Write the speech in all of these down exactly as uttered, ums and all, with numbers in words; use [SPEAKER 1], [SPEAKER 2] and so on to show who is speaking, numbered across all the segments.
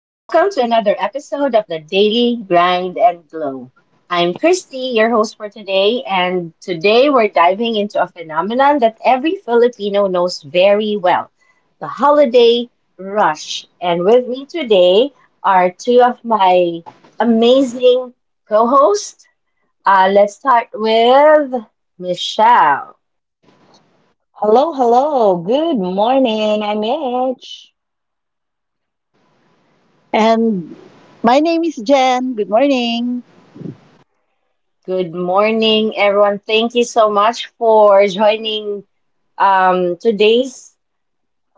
[SPEAKER 1] Welcome to another episode of the Daily Grind and Glow. I'm Christy, your host for today, and today we're diving into a phenomenon that every Filipino knows very well the holiday rush. And with me today are two of my amazing co hosts. Uh, let's start with Michelle.
[SPEAKER 2] Hello, hello. Good morning. I'm Mitch.
[SPEAKER 3] And my name is Jen. Good morning.
[SPEAKER 1] Good morning, everyone. Thank you so much for joining um, today's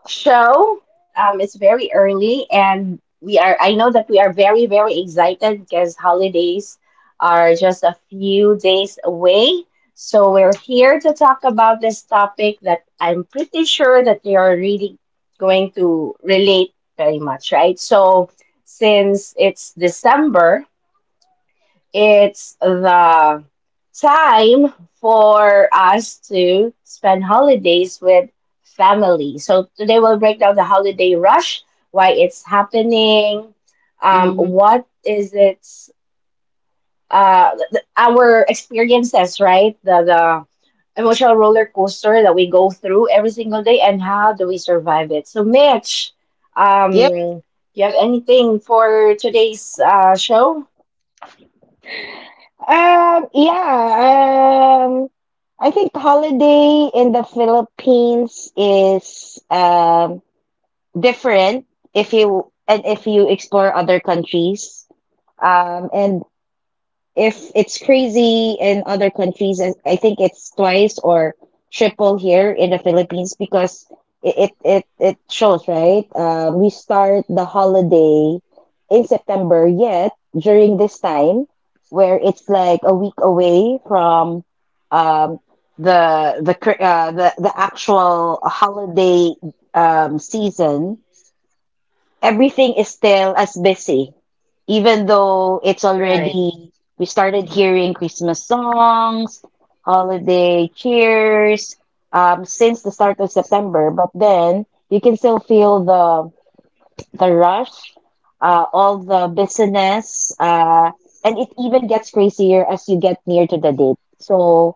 [SPEAKER 1] show. Um, it's very early, and we are, I know that we are very, very excited because holidays are just a few days away. So, we're here to talk about this topic that I'm pretty sure that they are really going to relate very much, right? So, since it's December, it's the time for us to spend holidays with family. So today we'll break down the holiday rush, why it's happening, um,
[SPEAKER 2] hmm
[SPEAKER 1] what is its uh, th- our experiences, right? The the emotional roller coaster that we go through every single day, and how do we survive it? So, Mitch, um,
[SPEAKER 2] Yep.
[SPEAKER 1] do you have anything for today's uh, show?
[SPEAKER 2] Um, yeah, um, I think holiday in the Philippines is um different if you and if you explore other countries. Um, And. If it's crazy in other countries, I I think it's twice or triple here in the Philippines because it it it, it shows, right? Um, we start the holiday in September, yet during this time where it's like a week away from um the the cr- uh, the the actual holiday um season everything is still as busy, even though it's
[SPEAKER 1] Right.
[SPEAKER 2] already, we started hearing Christmas songs, holiday cheers, um, since the start of September. But then you can still feel the the rush, uh, all the business, uh, and it even gets crazier as you get near to the date. So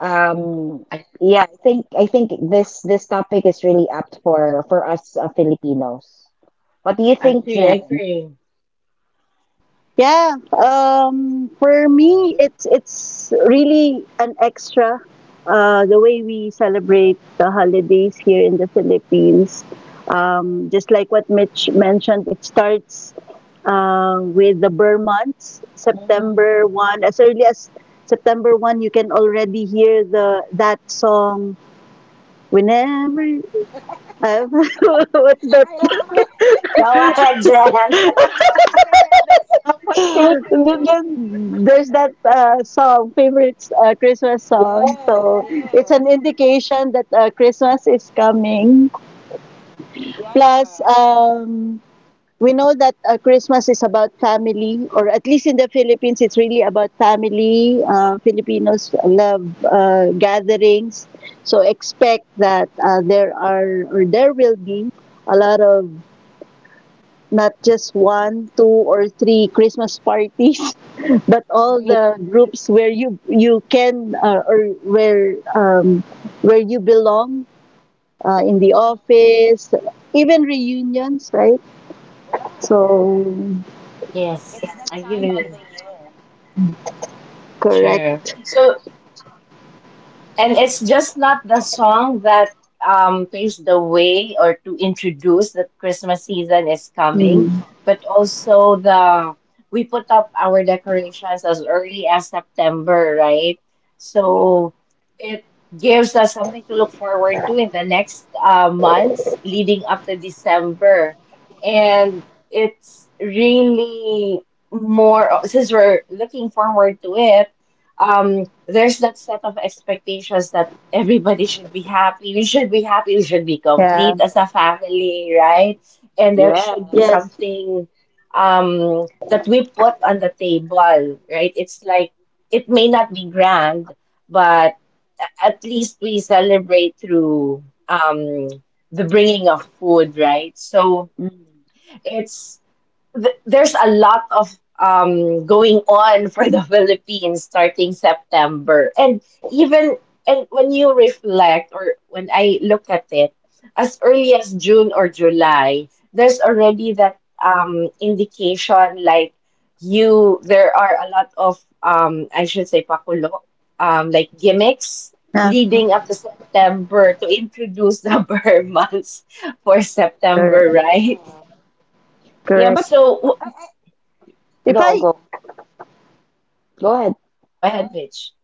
[SPEAKER 2] um, yeah, I think I think this this topic is really apt for for us uh, Filipinos. What do you
[SPEAKER 1] I
[SPEAKER 2] think,
[SPEAKER 1] agree, I
[SPEAKER 2] Jen?
[SPEAKER 1] agree.
[SPEAKER 3] Yeah, um, for me, it's it's really an extra uh, the way we celebrate the holidays here in the Philippines. Um, just like what Mitch mentioned, it starts uh, with the Burr months,
[SPEAKER 2] Mhm.
[SPEAKER 3] September one. As early as September one, you can already hear the that song. Whenever, uh, what's that.
[SPEAKER 2] I love it.
[SPEAKER 1] Go ahead, Jen.
[SPEAKER 2] I love it. There's someone
[SPEAKER 3] And then
[SPEAKER 2] singing.
[SPEAKER 3] then there's that uh, song, favorite uh, Christmas song. So it's an indication that uh, Christmas is coming. Plus, um, we know that uh, Christmas is about family, or at least in the Philippines, it's really about family. Uh, Filipinos love uh, gatherings, so expect that uh, there are or there will be a lot of not just one, two, or three Christmas parties but all
[SPEAKER 2] Agree.
[SPEAKER 3] the groups where you you can uh, or where um, where you belong uh, in the office, even reunions, right?
[SPEAKER 2] Yeah,
[SPEAKER 3] So
[SPEAKER 2] it's
[SPEAKER 1] Yes,
[SPEAKER 2] that
[SPEAKER 1] I
[SPEAKER 2] time of the
[SPEAKER 1] agree.
[SPEAKER 2] year.
[SPEAKER 3] correct.
[SPEAKER 1] Sure. So. And it's just not the song that um, paves the way or to introduce that Christmas season is
[SPEAKER 3] Mm.
[SPEAKER 1] coming, but also the we put up our decorations as early as September, right? So it gives us something to look forward to in the next uh, months leading up to December. And it's really more, since we're looking forward to it, um there's that set of expectations that everybody should be happy, we should be happy, we should be
[SPEAKER 3] Yeah.
[SPEAKER 1] complete as a family, right? And there should be
[SPEAKER 2] Yes.
[SPEAKER 3] Yes.
[SPEAKER 1] something um that we put on the table, right? It's like it may not be grand, but a- at least we celebrate through um the bringing of food, right? So
[SPEAKER 2] Mm.
[SPEAKER 1] it's th- there's a lot of um going on for the Philippines starting September. And even and when you reflect or when I look at it, as early as June or July, there's already that um indication like you there are a lot of um I should say pakulo, um like gimmicks
[SPEAKER 3] Yeah.
[SPEAKER 1] leading up
[SPEAKER 2] Mm.
[SPEAKER 1] to September to introduce the Burr months for September,
[SPEAKER 3] Correct.
[SPEAKER 1] right?
[SPEAKER 2] Yeah,
[SPEAKER 3] Correct.
[SPEAKER 2] but
[SPEAKER 1] So
[SPEAKER 3] If
[SPEAKER 2] go,
[SPEAKER 3] I
[SPEAKER 2] go, go ahead.
[SPEAKER 1] go ahead, bitch.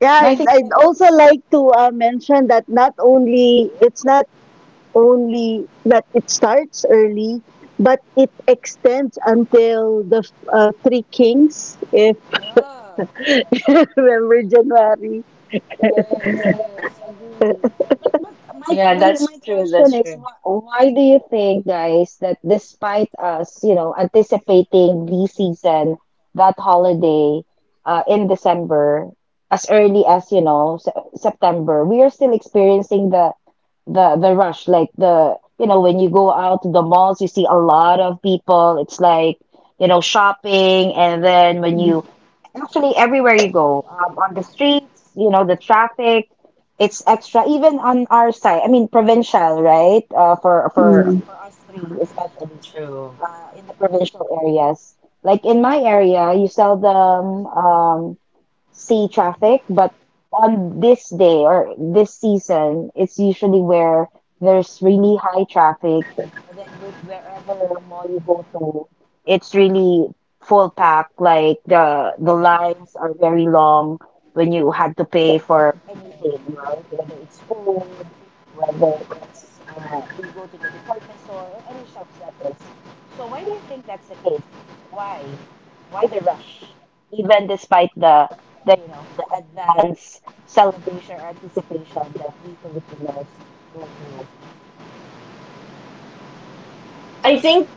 [SPEAKER 3] Yeah,
[SPEAKER 2] No, I
[SPEAKER 3] I'd
[SPEAKER 2] think.
[SPEAKER 3] I'd also like to uh, mention that not only it's not only that it starts early, but it extends until the uh, Three Kings, if you remember January.
[SPEAKER 2] my
[SPEAKER 1] Yeah,
[SPEAKER 2] my my
[SPEAKER 1] that's true.
[SPEAKER 2] question
[SPEAKER 1] That's
[SPEAKER 2] is
[SPEAKER 1] true.
[SPEAKER 2] why, why do you think, guys, that despite us, you know, anticipating the season, that holiday, uh, in December, as early as, you know, se September, we are still experiencing the the the rush, like the you know, when you go out to the malls, you see a lot of people. It's like, you know, shopping, and then when
[SPEAKER 3] Mm.
[SPEAKER 2] you actually everywhere you go, um, on the streets, you know, the traffic it's extra even on our side I mean provincial right uh, for for
[SPEAKER 3] Mm.
[SPEAKER 2] for us three especially
[SPEAKER 1] True.
[SPEAKER 2] uh, in the provincial areas like in my area you seldom um, see traffic but on this day or this season it's usually where there's really high traffic and then wh- wherever mall you go to it's really full pack like the the lines are very long when you had to pay for anything, right? Whether it's food, whether it's uh, you go to the department store or any shops that is. So why do you think that's the case? Why? Why the rush? Even despite the the you know the advanced self-regulation that we Filipinos go through.
[SPEAKER 1] I think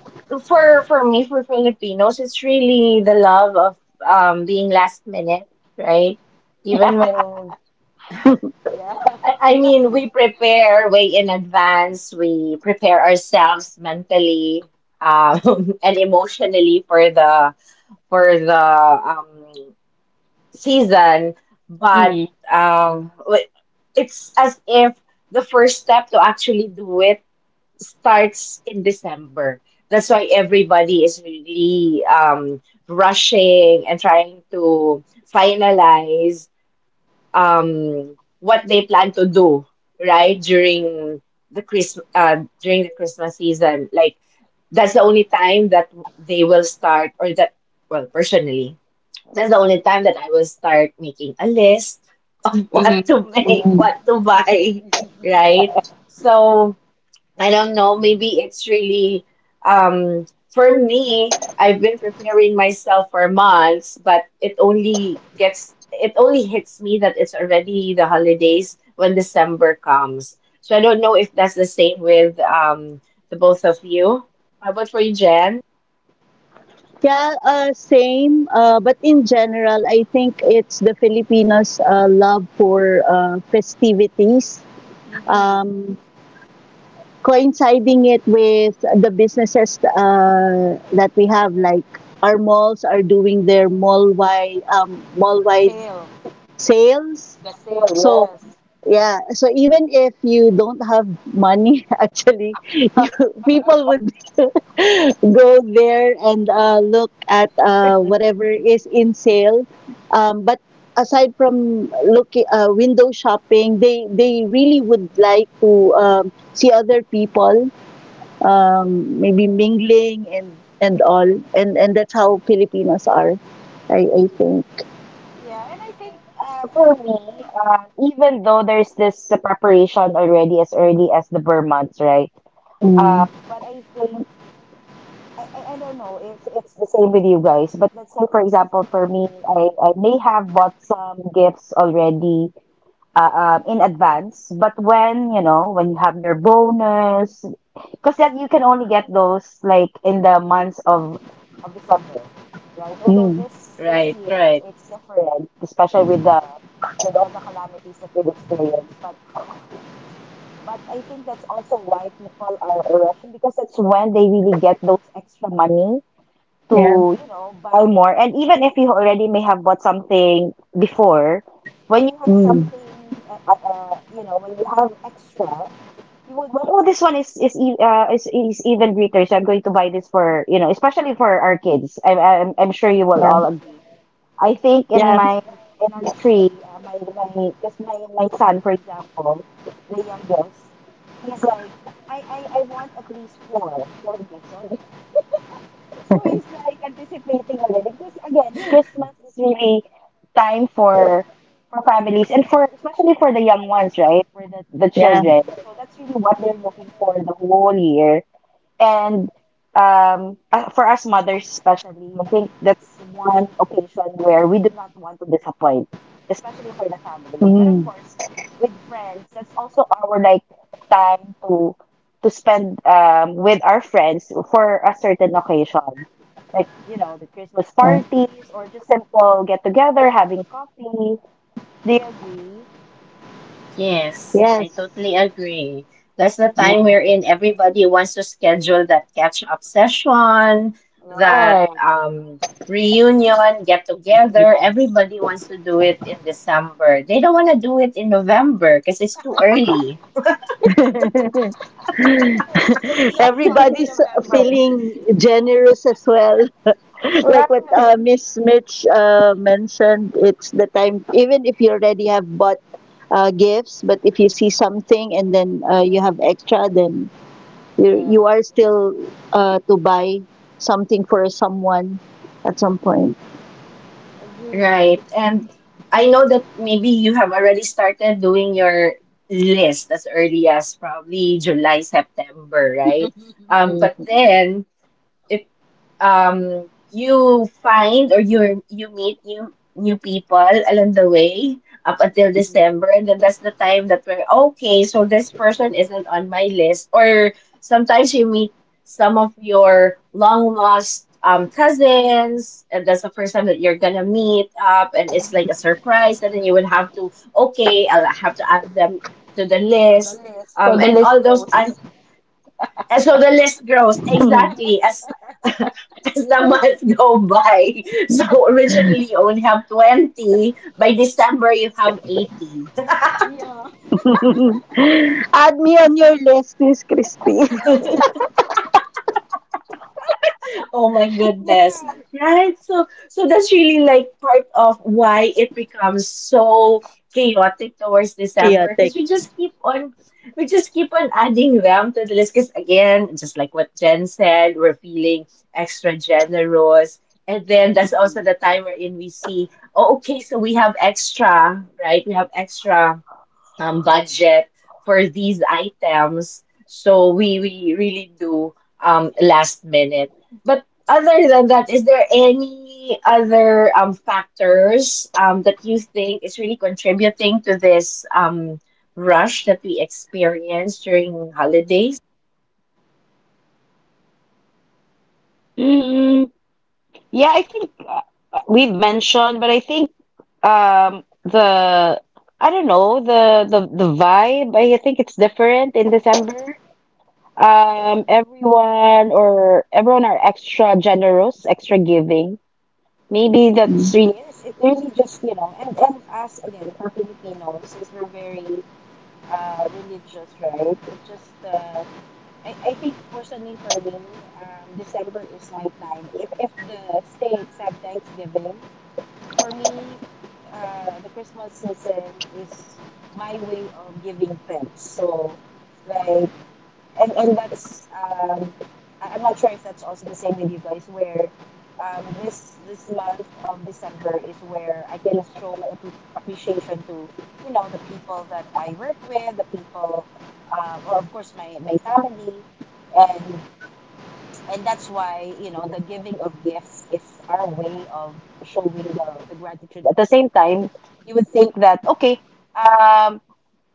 [SPEAKER 1] for for me, for Filipinos, it's really the love of um being last minute, right? Even when I, I mean, we prepare way in advance. We prepare ourselves mentally, um, and emotionally for the for the um season. But um, w- it's as if the first step to actually do it starts in December. That's why everybody is really um, rushing and trying to finalize um, what they plan to do, right? During the Christmas, uh, during the Christmas season. Like that's the only time that they will start, or that, well, personally, that's the only time that I will start making a list of what to make, what to buy, right? So I don't know, maybe it's really um for me, I've been preparing myself for months, but it only gets it only hits me that it's already the holidays when December comes. So I don't know if that's the same with um the both of you. How about for you, Jen?
[SPEAKER 3] Yeah, uh, same. Uh, but in general, I think it's the Filipinos' uh, love for uh, festivities, um, coinciding it with the businesses uh, that we have. Like our malls are doing their mall wide um, mall wide sales, so. Yeah, so even if you don't have money, actually, you, people would go there and uh, look at uh, whatever is in sale. Um, but aside from looking uh, window shopping, they they really would like to um, see other people, um, maybe mingling and and all, and and that's how Filipinos are. I I think.
[SPEAKER 2] Yeah, and I think uh, for me, um, even though there's this uh, preparation already as early as the Burr months, right?
[SPEAKER 3] Mm,
[SPEAKER 2] Um, but I think I, I I don't know if it's the same with you guys, but let's say, for example, for me, I, I may have bought some gifts already uh, um, in advance, but when, you know, when you have your bonus, because that you can only get those like in the months of, of December, right? Although
[SPEAKER 3] mm,
[SPEAKER 2] this this
[SPEAKER 1] Right,
[SPEAKER 2] year
[SPEAKER 1] right.
[SPEAKER 2] it's different, especially with the with all the calamities that we've experienced. But but I think that's also why people are rushing because that's when they really get those extra money
[SPEAKER 3] yeah.
[SPEAKER 2] to, you know, buy more. And even if you already may have bought something before, when you have
[SPEAKER 3] Mm,
[SPEAKER 2] something, uh, uh, uh, you know, when you have extra, you would want, oh, this one is is e- uh, is, is even greater, so I'm going to buy this for, you know, especially for our kids. I'm I'm, I'm sure you will
[SPEAKER 3] yeah.
[SPEAKER 2] all agree. I think in
[SPEAKER 3] Yeah.
[SPEAKER 2] my in our tree, uh, my my because my my son, for example, the youngest, he's like, I I I want at least four four gifts. So, So he's like anticipating already because again, Christmas is really time for for families and for especially for the young ones, right? For the, the
[SPEAKER 3] Yeah.
[SPEAKER 2] children. So that's really what they're looking for the whole year. And um, uh, for us mothers especially, I think that's one occasion where we do not want to disappoint, especially for the family. But of
[SPEAKER 3] Mm.
[SPEAKER 2] course, with friends, that's also our like time to to spend um, with our friends for a certain occasion, like you know the Christmas
[SPEAKER 3] Uh,
[SPEAKER 2] parties or just simple get together, having coffee. Do you agree?
[SPEAKER 1] Yes, I
[SPEAKER 3] yes.
[SPEAKER 1] totally agree. That's the time
[SPEAKER 2] Yeah.
[SPEAKER 1] wherein everybody wants to schedule that catch-up session, that um, reunion, get together. Everybody wants to do it in December. They don't want to do it in November because it's too early,
[SPEAKER 3] Everybody's feeling generous as well. Like what uh, Miss Mitch uh, mentioned, it's the time, even if you already have bought uh, gifts, but if you see something and then uh, you have extra, then you, you are still uh, to buy something for someone at some point.
[SPEAKER 1] right? And I know that maybe you have already started doing your list as early as probably July, September, right? Um, but then if um you find or you you meet new new people along the way up until December, and then that's the time that we're okay, so this person isn't on my list. Or sometimes you meet some of your long lost um cousins, and that's the first time that you're gonna meet up, and it's like a surprise, and then you would have to okay, I'll have to add them to the list, um and all those un- and so the list grows
[SPEAKER 3] Add
[SPEAKER 1] exactly as as the months go by. So originally you only have twenty. By December you have eighty.
[SPEAKER 3] me on your list, Miss Christie.
[SPEAKER 1] Oh my goodness. Right? So so that's really like part of why it becomes so chaotic towards December,
[SPEAKER 3] Chaotic.
[SPEAKER 1] because we just keep on we just keep on adding them to the list, because again, just like what Jen said, we're feeling extra generous. And then that's also the time wherein we see, oh, okay, so we have extra, right? We have extra um, budget for these items. So we we really do um, last minute. But other than that, is there any other um, factors um, that you think is really contributing to this um, rush that we experience during holidays?
[SPEAKER 2] Mm-hmm. Yeah, I think uh, uh, we've mentioned, but I think um the I don't know, the the the vibe, I think it's different in December. Um everyone or everyone are extra generous, extra giving. Maybe that's
[SPEAKER 3] Mm.
[SPEAKER 2] really it's it really just, you know, and and us again for Filipinos, since we're very uh religious, right? It's just uh I, I think personally for me, um, December is my time. If if the states have Thanksgiving, for me, uh, the Christmas season is my way of giving thanks. So, like, and and that's um, I- I'm not sure if that's also the same with you guys, where um, this this month of December is where I can show my appre appreciation to, you know, the people that I work with, the people, um, or of course my my family, and and that's why you know the giving of gifts is our way of showing the, the gratitude at the same time you would think that okay um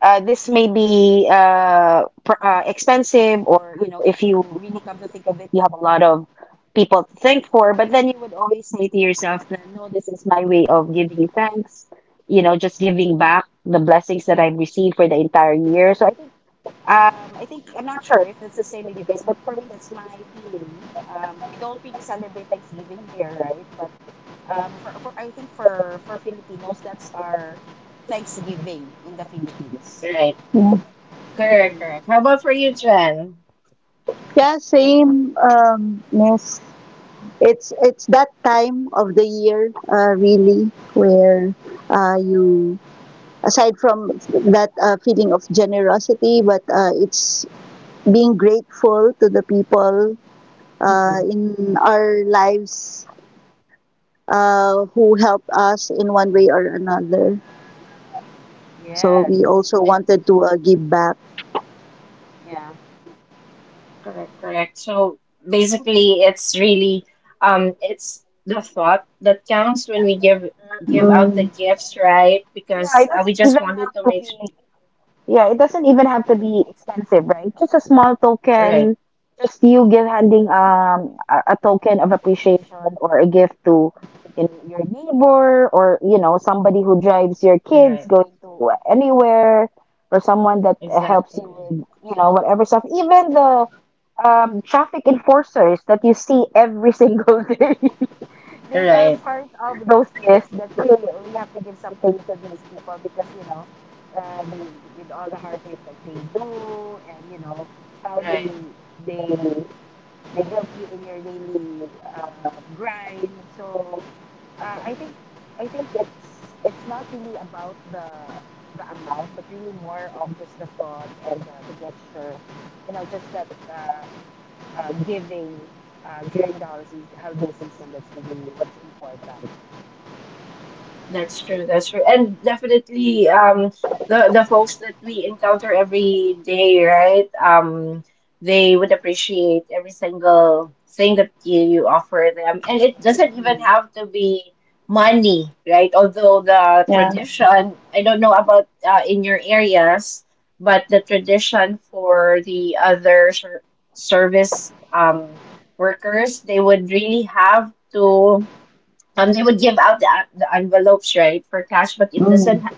[SPEAKER 2] uh, this may be uh, pr- uh expensive or you know if you really come to think of it you have a lot of people to thank for but then you would always say to yourself that no this is my way of giving you thanks you know just giving back the blessings that I've received for the entire year so i think um, I think I'm not sure if it's the same with you guys, but for me, that's my feeling. Um, we don't really celebrate Thanksgiving here, right? But um, for for I think for for Filipinos, that's our Thanksgiving in the Philippines.
[SPEAKER 1] Right. Correct,
[SPEAKER 2] Mm.
[SPEAKER 1] correct. How about for you, Jen?
[SPEAKER 3] Yeah, same, um, miss. It's it's that time of the year, uh, really, where uh, you aside from that uh, feeling of generosity, but uh, it's being grateful to the people uh, in our lives uh, who helped us in one way or another. So we also wanted to uh, give back.
[SPEAKER 1] Correct, correct. So basically, it's really um, it's the thought that counts when we give give out the
[SPEAKER 3] Mm,
[SPEAKER 1] gifts, right?
[SPEAKER 2] Yeah,
[SPEAKER 1] Because
[SPEAKER 2] it
[SPEAKER 1] uh, we
[SPEAKER 2] doesn't
[SPEAKER 1] just
[SPEAKER 2] even
[SPEAKER 1] wanted
[SPEAKER 2] have
[SPEAKER 1] to
[SPEAKER 2] to
[SPEAKER 1] make s-
[SPEAKER 2] be. Yeah, it doesn't even have to be expensive, right? Just a small
[SPEAKER 1] right,
[SPEAKER 2] token, just you give handing um a, a token of appreciation or a gift to in your neighbor or you know somebody who drives your kids
[SPEAKER 1] right,
[SPEAKER 2] going to anywhere or someone that uh, helps
[SPEAKER 1] exactly,
[SPEAKER 2] you with you know whatever stuff. Even the um traffic enforcers that you see every single day they are
[SPEAKER 1] right,
[SPEAKER 2] part of those lists that hey we have to give something to these people because you know uh, they with all the hard work that they do and you know how they
[SPEAKER 1] right.
[SPEAKER 2] they they help you in your daily uh, grind so uh, i think i think it's it's not really about the the amount but really more of just the thought and the, the gesture you know just that uh, uh, giving uh, during the holiday season, holiday season, that's really what's important.
[SPEAKER 1] That's true. That's true. And definitely, um, the the folks that we encounter every day, right? Um, they would appreciate every single thing that you, you offer them. And it doesn't even have to be money, right? Although the
[SPEAKER 3] yeah.
[SPEAKER 1] tradition, I don't know about uh, in your areas, but the tradition for the other ser service um workers, they would really have to um, they would give out the, the envelopes, right, for cash, but it
[SPEAKER 3] Mm,
[SPEAKER 1] doesn't ha-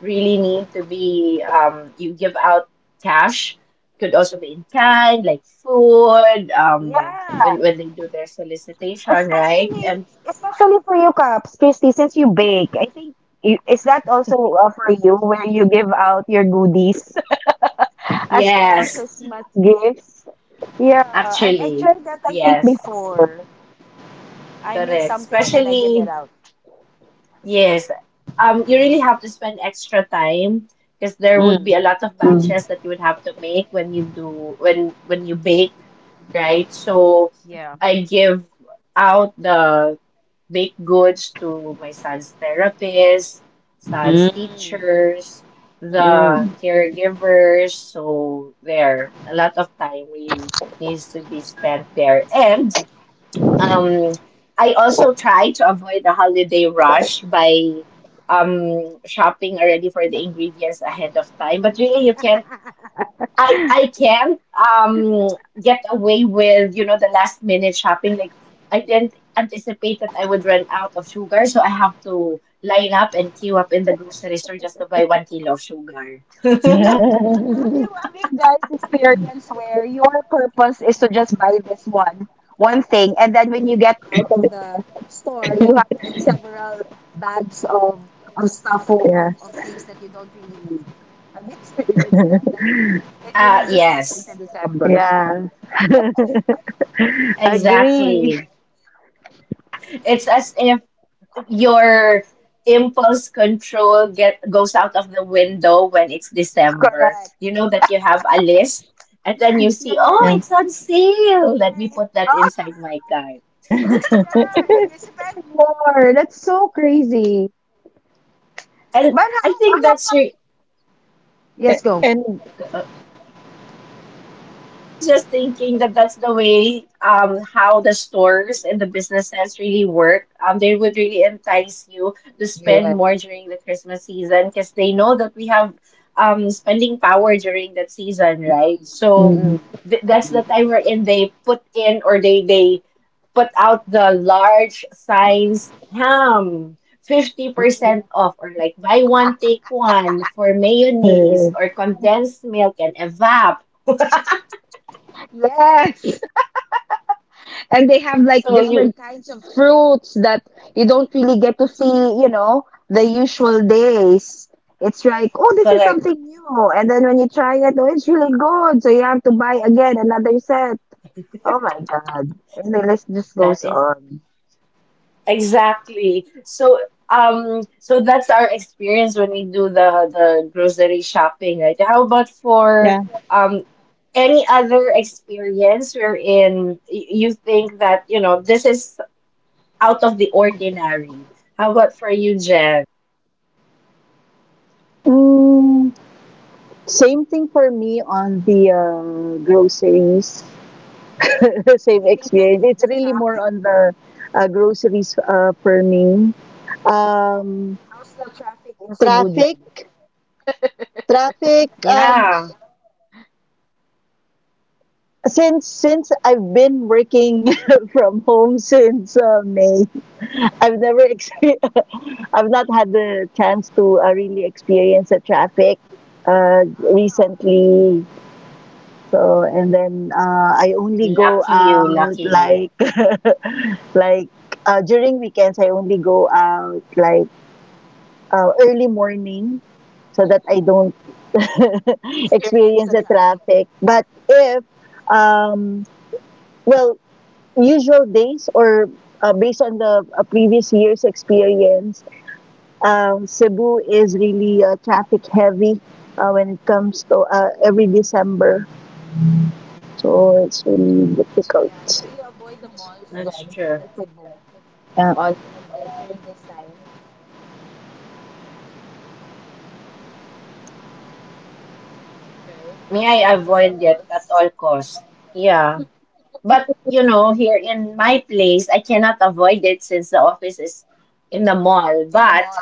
[SPEAKER 1] really need to be, um, you give out cash. Could also be in kind, like food, um,
[SPEAKER 2] Yeah,
[SPEAKER 1] when, when they do their solicitation, right?
[SPEAKER 2] especially
[SPEAKER 1] And
[SPEAKER 2] especially for you, Caps, Christy, since you bake. I think you, is that also uh, for you where you give out your goodies as uh,
[SPEAKER 1] yes,
[SPEAKER 2] Christmas gifts? Yeah, I I
[SPEAKER 1] actually,
[SPEAKER 2] tried that I think
[SPEAKER 1] yes,
[SPEAKER 2] before. I make
[SPEAKER 1] correct.
[SPEAKER 2] something and then I give it
[SPEAKER 1] Especially,
[SPEAKER 2] out.
[SPEAKER 1] yes, um, you really have to spend extra time because there would be
[SPEAKER 2] Mm,
[SPEAKER 1] a lot of
[SPEAKER 3] mm.
[SPEAKER 1] batches that you would have to make when you do, when, when you bake, right? So
[SPEAKER 2] yeah.
[SPEAKER 1] I give out the baked goods to my son's therapist, son's
[SPEAKER 2] Mm.
[SPEAKER 1] teachers,
[SPEAKER 2] Mm-mm.
[SPEAKER 1] the caregivers. So there, a lot of time really needs to be spent there. And um, I also try to avoid the holiday rush by um shopping already for the ingredients ahead of time. But really, you can't I I can um get away with, you know, the last minute shopping. Like I didn't anticipate that I would run out of sugar, so I have to line up and queue up in the grocery store just to buy one kilo of sugar.
[SPEAKER 2] Have you have guys experienced where your purpose is to just buy one one thing and then when you get
[SPEAKER 3] Yeah.
[SPEAKER 1] Uh yes,
[SPEAKER 3] Yeah. Agree.
[SPEAKER 1] exactly. It's as if your impulse control get goes out of the window when it's December. You know that you have a list, and then you see, oh,
[SPEAKER 3] Yeah.
[SPEAKER 1] it's on sale. Let me put that inside my cart. And I think that's re-
[SPEAKER 3] A-
[SPEAKER 2] Yes, go.
[SPEAKER 3] And
[SPEAKER 1] uh, I was just thinking that that's the way um how the stores and the businesses really work. Um, they would really entice you to spend more during the Christmas season because they know that we have um spending power during that season, right? So
[SPEAKER 3] mm,
[SPEAKER 1] th- that's the time wherein they put in or they they put out the large signs ham. fifty percent off or like buy one take one for
[SPEAKER 3] uh,
[SPEAKER 1] mayonnaise or condensed milk and evap
[SPEAKER 2] Yes. And they have like
[SPEAKER 1] so you
[SPEAKER 2] different kinds of fruits that you don't really get to see, you know, the usual days. It's like, oh, this is
[SPEAKER 1] correct.
[SPEAKER 2] something new. And then when you try it, oh, it's really good. So you have to buy again another set. Oh my God. And the list just
[SPEAKER 1] That
[SPEAKER 2] goes
[SPEAKER 1] is
[SPEAKER 2] on.
[SPEAKER 1] exactly. So um so that's our experience when we do the the grocery shopping, right? How about for
[SPEAKER 3] yeah.
[SPEAKER 1] um any other experience wherein y- you think that, you know, this is out of the ordinary? How about for you, Jen?
[SPEAKER 3] Mm, same thing for me on the uh, groceries. Same experience. It's really more on the uh, groceries uh, for me. Um,
[SPEAKER 2] How's the traffic in Cebu, Jen?
[SPEAKER 3] traffic, traffic. Um,
[SPEAKER 1] Yeah.
[SPEAKER 3] since since I've been working from home since uh, May, I've never experienced. I've not had the chance to uh, really experience the traffic uh, recently. So and then uh, I only go
[SPEAKER 1] Lucky you,
[SPEAKER 3] out
[SPEAKER 1] lucky you.
[SPEAKER 3] like like uh, during weekends. I only go out like uh, early morning so that I don't experience the traffic. But if um, well, usual days or uh, based on the uh, previous year's experience. Um, Cebu is really uh, traffic heavy uh, when it comes to uh, every December, so it's really difficult.
[SPEAKER 1] That's
[SPEAKER 2] Jen,
[SPEAKER 1] true.
[SPEAKER 3] Yeah.
[SPEAKER 2] on
[SPEAKER 1] May I avoid it at all costs? Yeah. But you know, here in my place, I cannot avoid it since the office is in the mall. But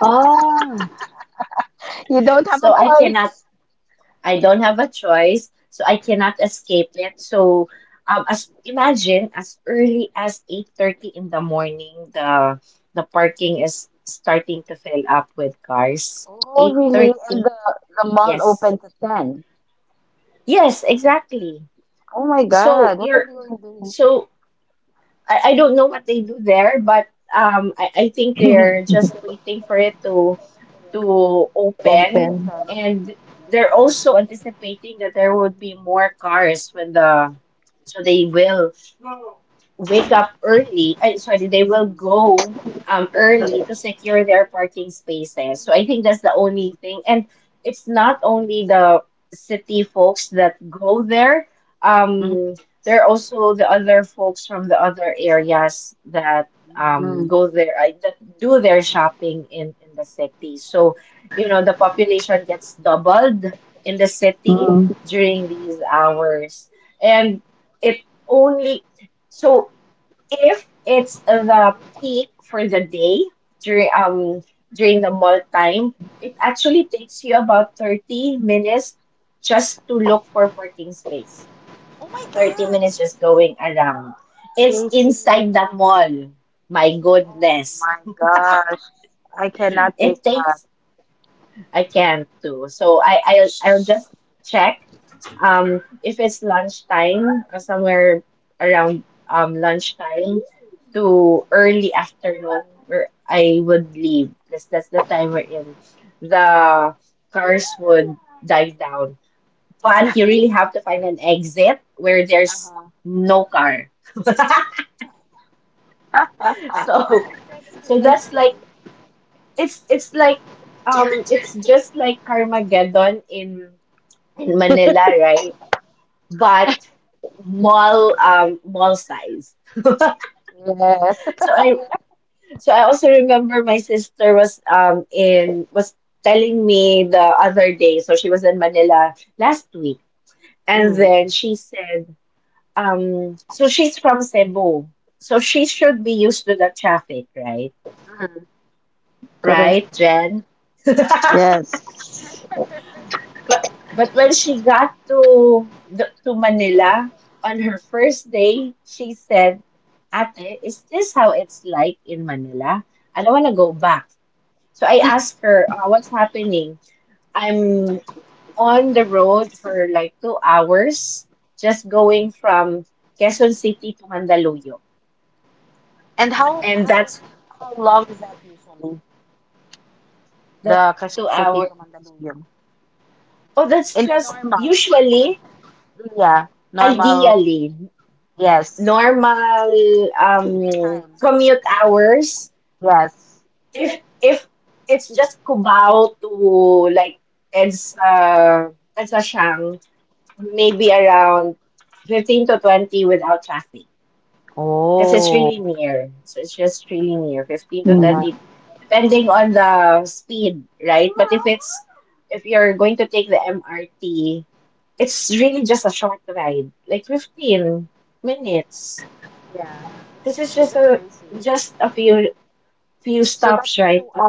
[SPEAKER 3] Ah,
[SPEAKER 2] You don't have a
[SPEAKER 1] so I cannot,
[SPEAKER 2] choice.
[SPEAKER 1] I don't have a choice, so I cannot escape it. So um, as imagine as early as eight thirty in the morning, the the parking is starting to fill up with cars.
[SPEAKER 2] Oh, really? And
[SPEAKER 1] eight thirty,
[SPEAKER 2] the, the mall
[SPEAKER 1] yes.
[SPEAKER 2] opens at ten.
[SPEAKER 1] Yes, exactly.
[SPEAKER 2] Oh my
[SPEAKER 1] So
[SPEAKER 2] God. What are
[SPEAKER 1] you're
[SPEAKER 2] you
[SPEAKER 1] so I, I don't know what they do there, but um, I, I think they're just waiting for it to to open,
[SPEAKER 3] open.
[SPEAKER 1] and they're also anticipating that there would be more cars when the so they will wake up early. I, sorry, they will go um early to secure their parking spaces. So I think that's the only thing. And it's not only the city folks that go there.
[SPEAKER 2] doing?
[SPEAKER 1] Um, there are also the other folks from the other areas that um
[SPEAKER 2] Mm,
[SPEAKER 1] go there, I, that do their shopping in in the city. So you know the population gets doubled in the city
[SPEAKER 3] Mm,
[SPEAKER 1] during these hours, and it only so if it's the peak for the day during um during the mall time, it actually takes you about thirty minutes just to look for parking space. Thirty minutes just going around. It's
[SPEAKER 2] crazy.
[SPEAKER 1] inside the mall. My goodness.
[SPEAKER 2] I cannot take
[SPEAKER 1] It
[SPEAKER 2] that.
[SPEAKER 1] takes I can't do. So I I'll I'll just check. Um, if it's lunchtime, uh, somewhere around um lunchtime to early afternoon, where I would leave because that's the time we're in. The cars would die down, but you really have to find an exit where there's no car. So,
[SPEAKER 2] That's
[SPEAKER 1] so that's like
[SPEAKER 2] crazy.
[SPEAKER 1] it's it's like um it's just like Carmageddon in in Manila, right? But mall um mall size.
[SPEAKER 2] Yeah.
[SPEAKER 1] So I so I also remember my sister was um in was telling me the other day. So she was in Manila last week, and then she said, um, so she's from Cebu, so she should be used to the traffic, right?
[SPEAKER 3] correct.
[SPEAKER 1] Right, Jen?
[SPEAKER 3] Yes.
[SPEAKER 1] But but when she got to the, to Manila on her first day, she said, "Ate, is this how it's like in Manila? I don't want to go back." So I asked her, uh, what's happening? I'm on the road for like two hours, just going from Quezon City to Mandaluyong.
[SPEAKER 2] And how
[SPEAKER 1] And
[SPEAKER 2] how
[SPEAKER 1] that's
[SPEAKER 2] how long is that usually?
[SPEAKER 1] the
[SPEAKER 2] The Quezon
[SPEAKER 1] two
[SPEAKER 2] City
[SPEAKER 1] hour.
[SPEAKER 2] to Mandaluyong.
[SPEAKER 1] Oh, that's
[SPEAKER 2] In the
[SPEAKER 1] just
[SPEAKER 2] normal. Right?
[SPEAKER 1] usually,
[SPEAKER 2] Yeah. Normal.
[SPEAKER 1] ideally,
[SPEAKER 2] Yes.
[SPEAKER 1] normal um,
[SPEAKER 2] Time.
[SPEAKER 1] commute hours.
[SPEAKER 2] Yes.
[SPEAKER 1] If, if it's just Cubao to like EDSA, EDSA Siang, maybe around fifteen to twenty without traffic.
[SPEAKER 2] Oh.
[SPEAKER 1] Because it's really near. So it's just really near, fifteen to
[SPEAKER 3] Mm,
[SPEAKER 1] thirty, depending on the speed, right? But if it's, if you're going to take the M R T, it's really just a short ride, like fifteen minutes. This is just a, just a few, few stops, right? But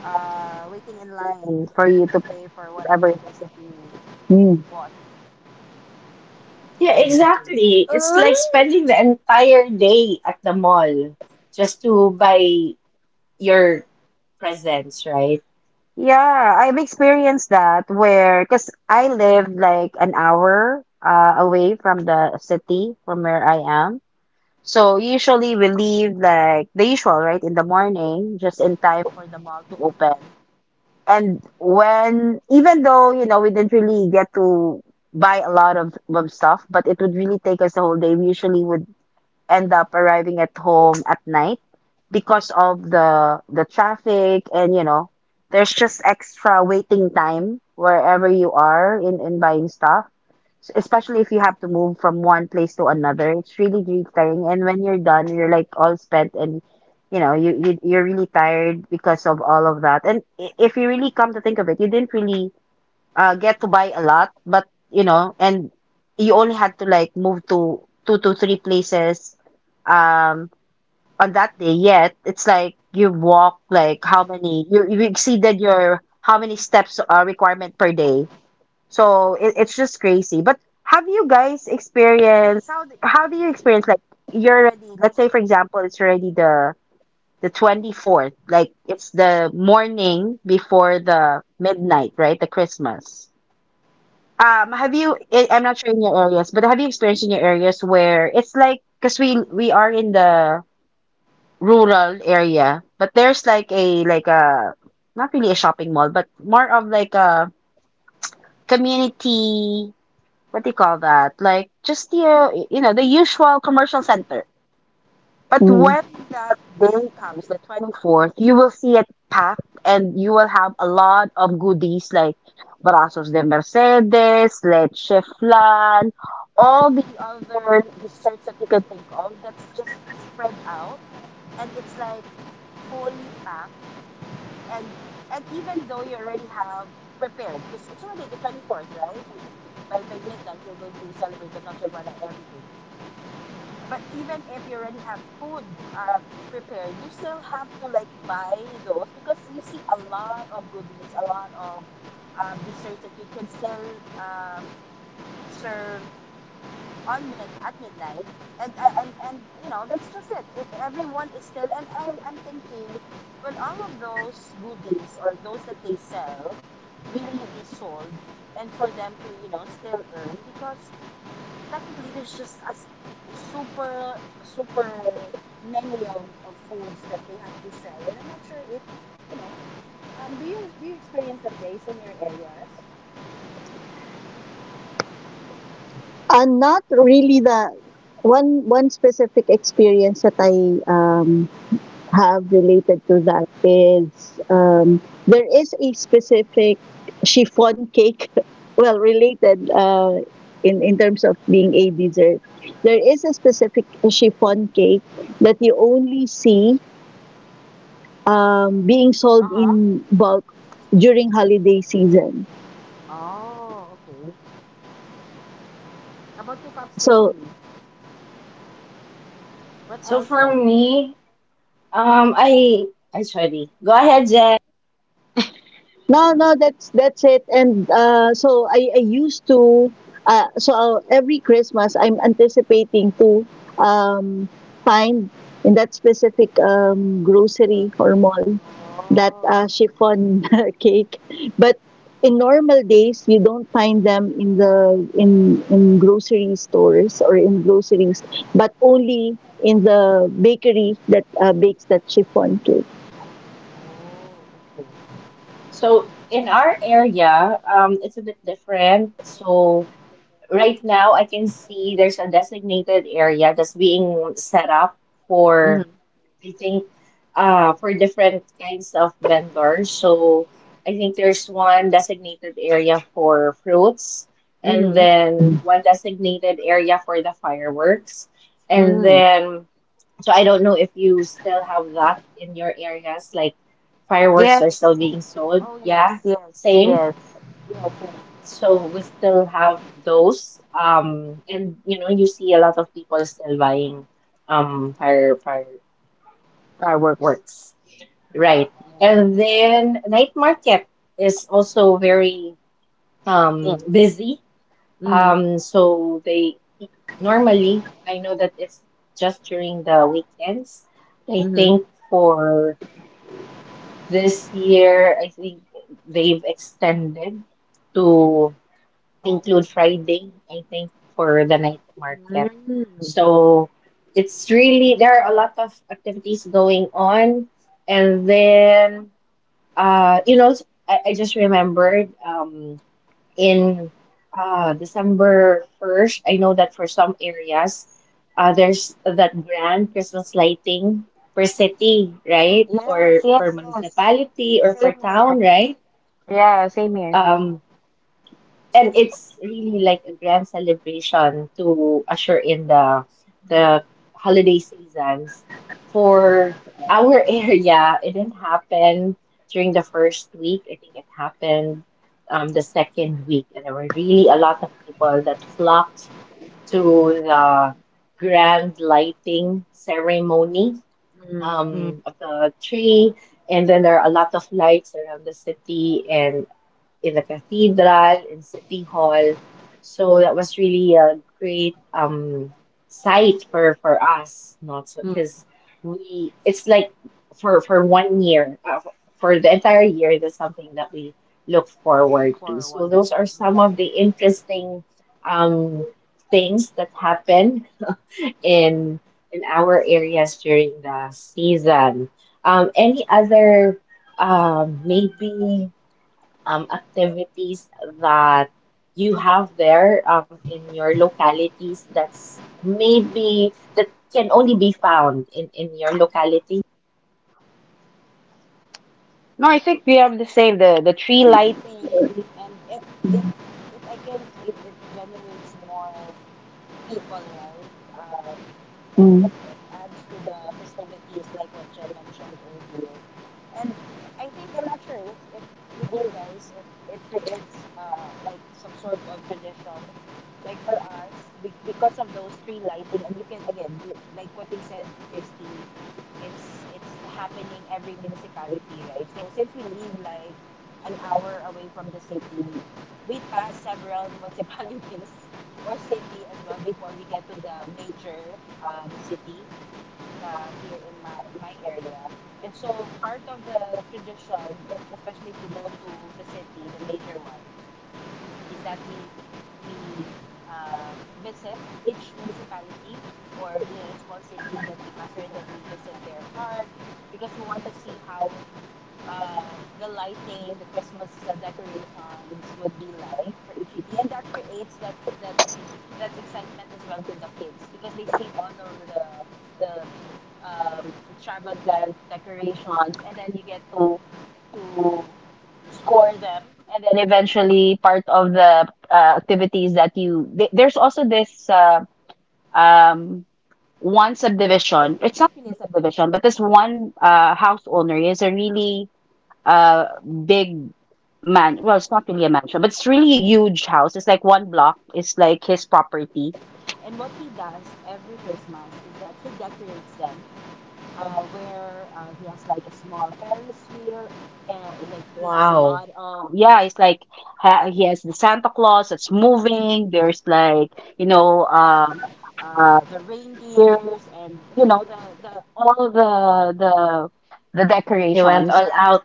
[SPEAKER 2] Uh, waiting in line for you to pay for whatever it is that you
[SPEAKER 3] mm,
[SPEAKER 1] yeah, exactly. It's like spending the entire day at the mall just to buy your presents, right?
[SPEAKER 2] Yeah, I've experienced that where, because I live like an hour uh, away from the city from where I am. So usually we leave like the usual, right, in the morning, just in time for the mall to open. And when, even though, you know, we didn't really get to buy a lot of, of stuff, but it would really take us the whole day. We usually would end up arriving at home at night because of the the traffic and you know there's just extra waiting time wherever you are in in buying stuff S- especially if you have to move from one place to another it's really really tiring and when you're done you're like all spent and you know you, you you're really tired because of all of that and i- if you really come to think of it you didn't really uh, get to buy a lot, but you know, and you only had to like move to two to three places um on that day. Yet it's like you walk like how many you you exceeded your how many steps uh, requirement per day. So it, it's just crazy. But have you guys experienced how d- how do you experience like you're already, let's say for example, it's already the the twenty-fourth, like it's the morning before the midnight, right, the Christmas. Um, have you? I- I'm not sure in your areas, but have you experienced in your areas where it's like, because we we are in the rural area, but there's like a like a not really a shopping mall, but more of like a community. What do you call that? Like just the uh, you know, the usual commercial center. But
[SPEAKER 3] mm.
[SPEAKER 2] when that day comes, the twenty-fourth, you will see it packed and you will have a lot of goodies like Brazos de Mercedes, Leche Flan, all the other desserts that you can think of, that's just spread out and it's like fully packed. and and even though you already have prepared, because it's already the twenty-fourth, right? By by midnight you're going to celebrate the Noche Buena and everything. But even if you already have food uh, prepared, you still have to like buy those, because you see a lot of goodies, a lot of uh, desserts that you can still um, serve on mid at midnight. And, uh, and and you know, that's just it. E- Everyone is still, and I'm I'm thinking, will all of those goodies, or those that they sell, really be sold, and for them to, you know, still earn? Because technically there's just a, s- a super super many of, of foods that they have to sell, and I'm not sure if, you know, um do you do you experience that, guys, in your areas?
[SPEAKER 3] And not really the one one specific experience that I um, have related to that is um, there is a specific chiffon cake, well, related uh, in, in terms of being a dessert. There is a specific chiffon cake that you only see um, being sold
[SPEAKER 2] Uh-huh.
[SPEAKER 3] in bulk during holiday season.
[SPEAKER 2] Oh, okay. How about your cups,
[SPEAKER 3] So
[SPEAKER 2] Christy? What
[SPEAKER 1] So
[SPEAKER 2] else
[SPEAKER 1] for
[SPEAKER 2] then?
[SPEAKER 1] me, Um, I I sorry. Go ahead, Jen.
[SPEAKER 3] no, no, that's that's it. And uh, so I, I used to uh, so uh, every Christmas I'm anticipating to um, find in that specific um, grocery
[SPEAKER 2] Cake.
[SPEAKER 3] or mall that
[SPEAKER 2] Oh,
[SPEAKER 3] uh,
[SPEAKER 2] okay.
[SPEAKER 3] chiffon cake. But in normal days, you don't find them in the in in grocery stores or in groceries, but only in the bakery that uh, bakes that chiffon cake.
[SPEAKER 2] Oh, okay.
[SPEAKER 1] So in our area, um, it's a bit different. So right now, I can see there's a designated area that's being set up for,
[SPEAKER 2] Mm-hmm.
[SPEAKER 1] I think, uh, for different kinds of vendors. So I think there's one designated area for fruits, and
[SPEAKER 2] Mm-hmm.
[SPEAKER 1] then one designated area for the fireworks, and
[SPEAKER 2] Mm.
[SPEAKER 1] then. So I don't know if you still have that in your areas, like fireworks
[SPEAKER 2] Yes,
[SPEAKER 1] are still
[SPEAKER 2] yes.
[SPEAKER 1] being sold.
[SPEAKER 2] Oh,
[SPEAKER 1] Yeah,
[SPEAKER 2] yes, yes, yes,
[SPEAKER 1] same.
[SPEAKER 2] yes. Yes, same.
[SPEAKER 1] So we still have those. Um, and you know, you see a lot of people still buying um fire
[SPEAKER 2] Fireworks.
[SPEAKER 1] fireworks. Right.
[SPEAKER 2] Yeah,
[SPEAKER 1] And then night market is also very
[SPEAKER 2] yeah,
[SPEAKER 1] um
[SPEAKER 2] same.
[SPEAKER 1] busy.
[SPEAKER 2] Mm-hmm.
[SPEAKER 1] Um, so they normally I know that it's just during the weekends. I
[SPEAKER 2] Mm-hmm.
[SPEAKER 1] think for This year, I think they've extended to include Friday, I think, for the night market.
[SPEAKER 2] Mm. Mm.
[SPEAKER 1] So it's really, there are a lot of activities going on. And then, uh, you know, I, I just remembered. Um, in uh, December first. I know that for some areas, uh, there's that grand Christmas lighting per city, right?
[SPEAKER 2] Yes,
[SPEAKER 1] Or
[SPEAKER 2] yes,
[SPEAKER 1] per
[SPEAKER 2] yes, yes, yes.
[SPEAKER 1] municipality or per
[SPEAKER 2] Same, same here, here.
[SPEAKER 1] town, right?
[SPEAKER 2] Yeah, same here.
[SPEAKER 1] Um, and it's really like a grand celebration to usher in the the holiday seasons. For our area, it didn't happen during the first week. I think it happened um, the second week, and there were really a
[SPEAKER 2] Mm-hmm.
[SPEAKER 1] lot of people that flocked to the grand lighting ceremony
[SPEAKER 2] Mm-hmm.
[SPEAKER 1] um, of the tree. And then there are a lot of lights around the city, and in the cathedral, in City Hall. So that was really a great um sight for for us, not so
[SPEAKER 2] Mm-hmm.
[SPEAKER 1] because we it's like for for one year, uh, for the entire year, that's something that we look forward to. So
[SPEAKER 2] Forward.
[SPEAKER 1] those are some of the interesting um things that happen in in our areas during the season. Um, any other um maybe um, activities that you have there um, in your localities that's maybe that can only be found in, in your locality.
[SPEAKER 2] No, I think we have the same, the the tree lighting, and it it it I guess it, it generates more people, right? Um, and
[SPEAKER 3] Mm.
[SPEAKER 2] it, it adds to the festivities, like what Jen mentioned earlier. And I think I'm not sure if, if with you guys, if it creates uh like some sort of tradition, like for us, be because of those tree lighting, and you can again, you like what you said, Christy, it's it's happening every municipality, right? So since we live like an hour away from the city, we pass several municipalities or city as well before we get to the major um, city uh, here in my, my area. And so part of the tradition, if, especially if we go to the city, the major one, is that we we uh, visit each municipality, or you know, small city that we pass through, and then we visit their park, because we want to see how um, the lighting, the Christmas uh, decorations would be like for each city. And that creates that the that excitement as well to the kids, because they see all of the the um, extravagant decorations, and then you get to to score them. And then eventually, part of the uh, activities that you th- there's also this uh, um one subdivision. It's not really a subdivision, but this one uh, house owner is a really uh big man well, it's not really a mansion, but it's really a huge house. It's like one block, it's like his property. And what he does every Christmas is that he decorates them, uh where uh, he has like a small Ferris wheel, and like he has a
[SPEAKER 1] Wow.
[SPEAKER 2] lot of, yeah, it's like ha- he has the Santa Claus that's moving, there's like, you know, um uh the reindeers, and you know, the the all the the the
[SPEAKER 1] He went
[SPEAKER 2] decorations.
[SPEAKER 1] all out.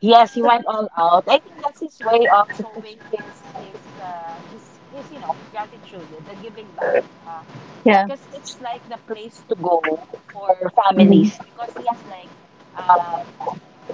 [SPEAKER 2] Yes, he went all out. I think that's his way of showing his his uh his his you know, gratitude, the giving back. Uh,
[SPEAKER 3] Yeah.
[SPEAKER 2] because it's like the place to go for
[SPEAKER 3] Mm.
[SPEAKER 2] families, because he has like um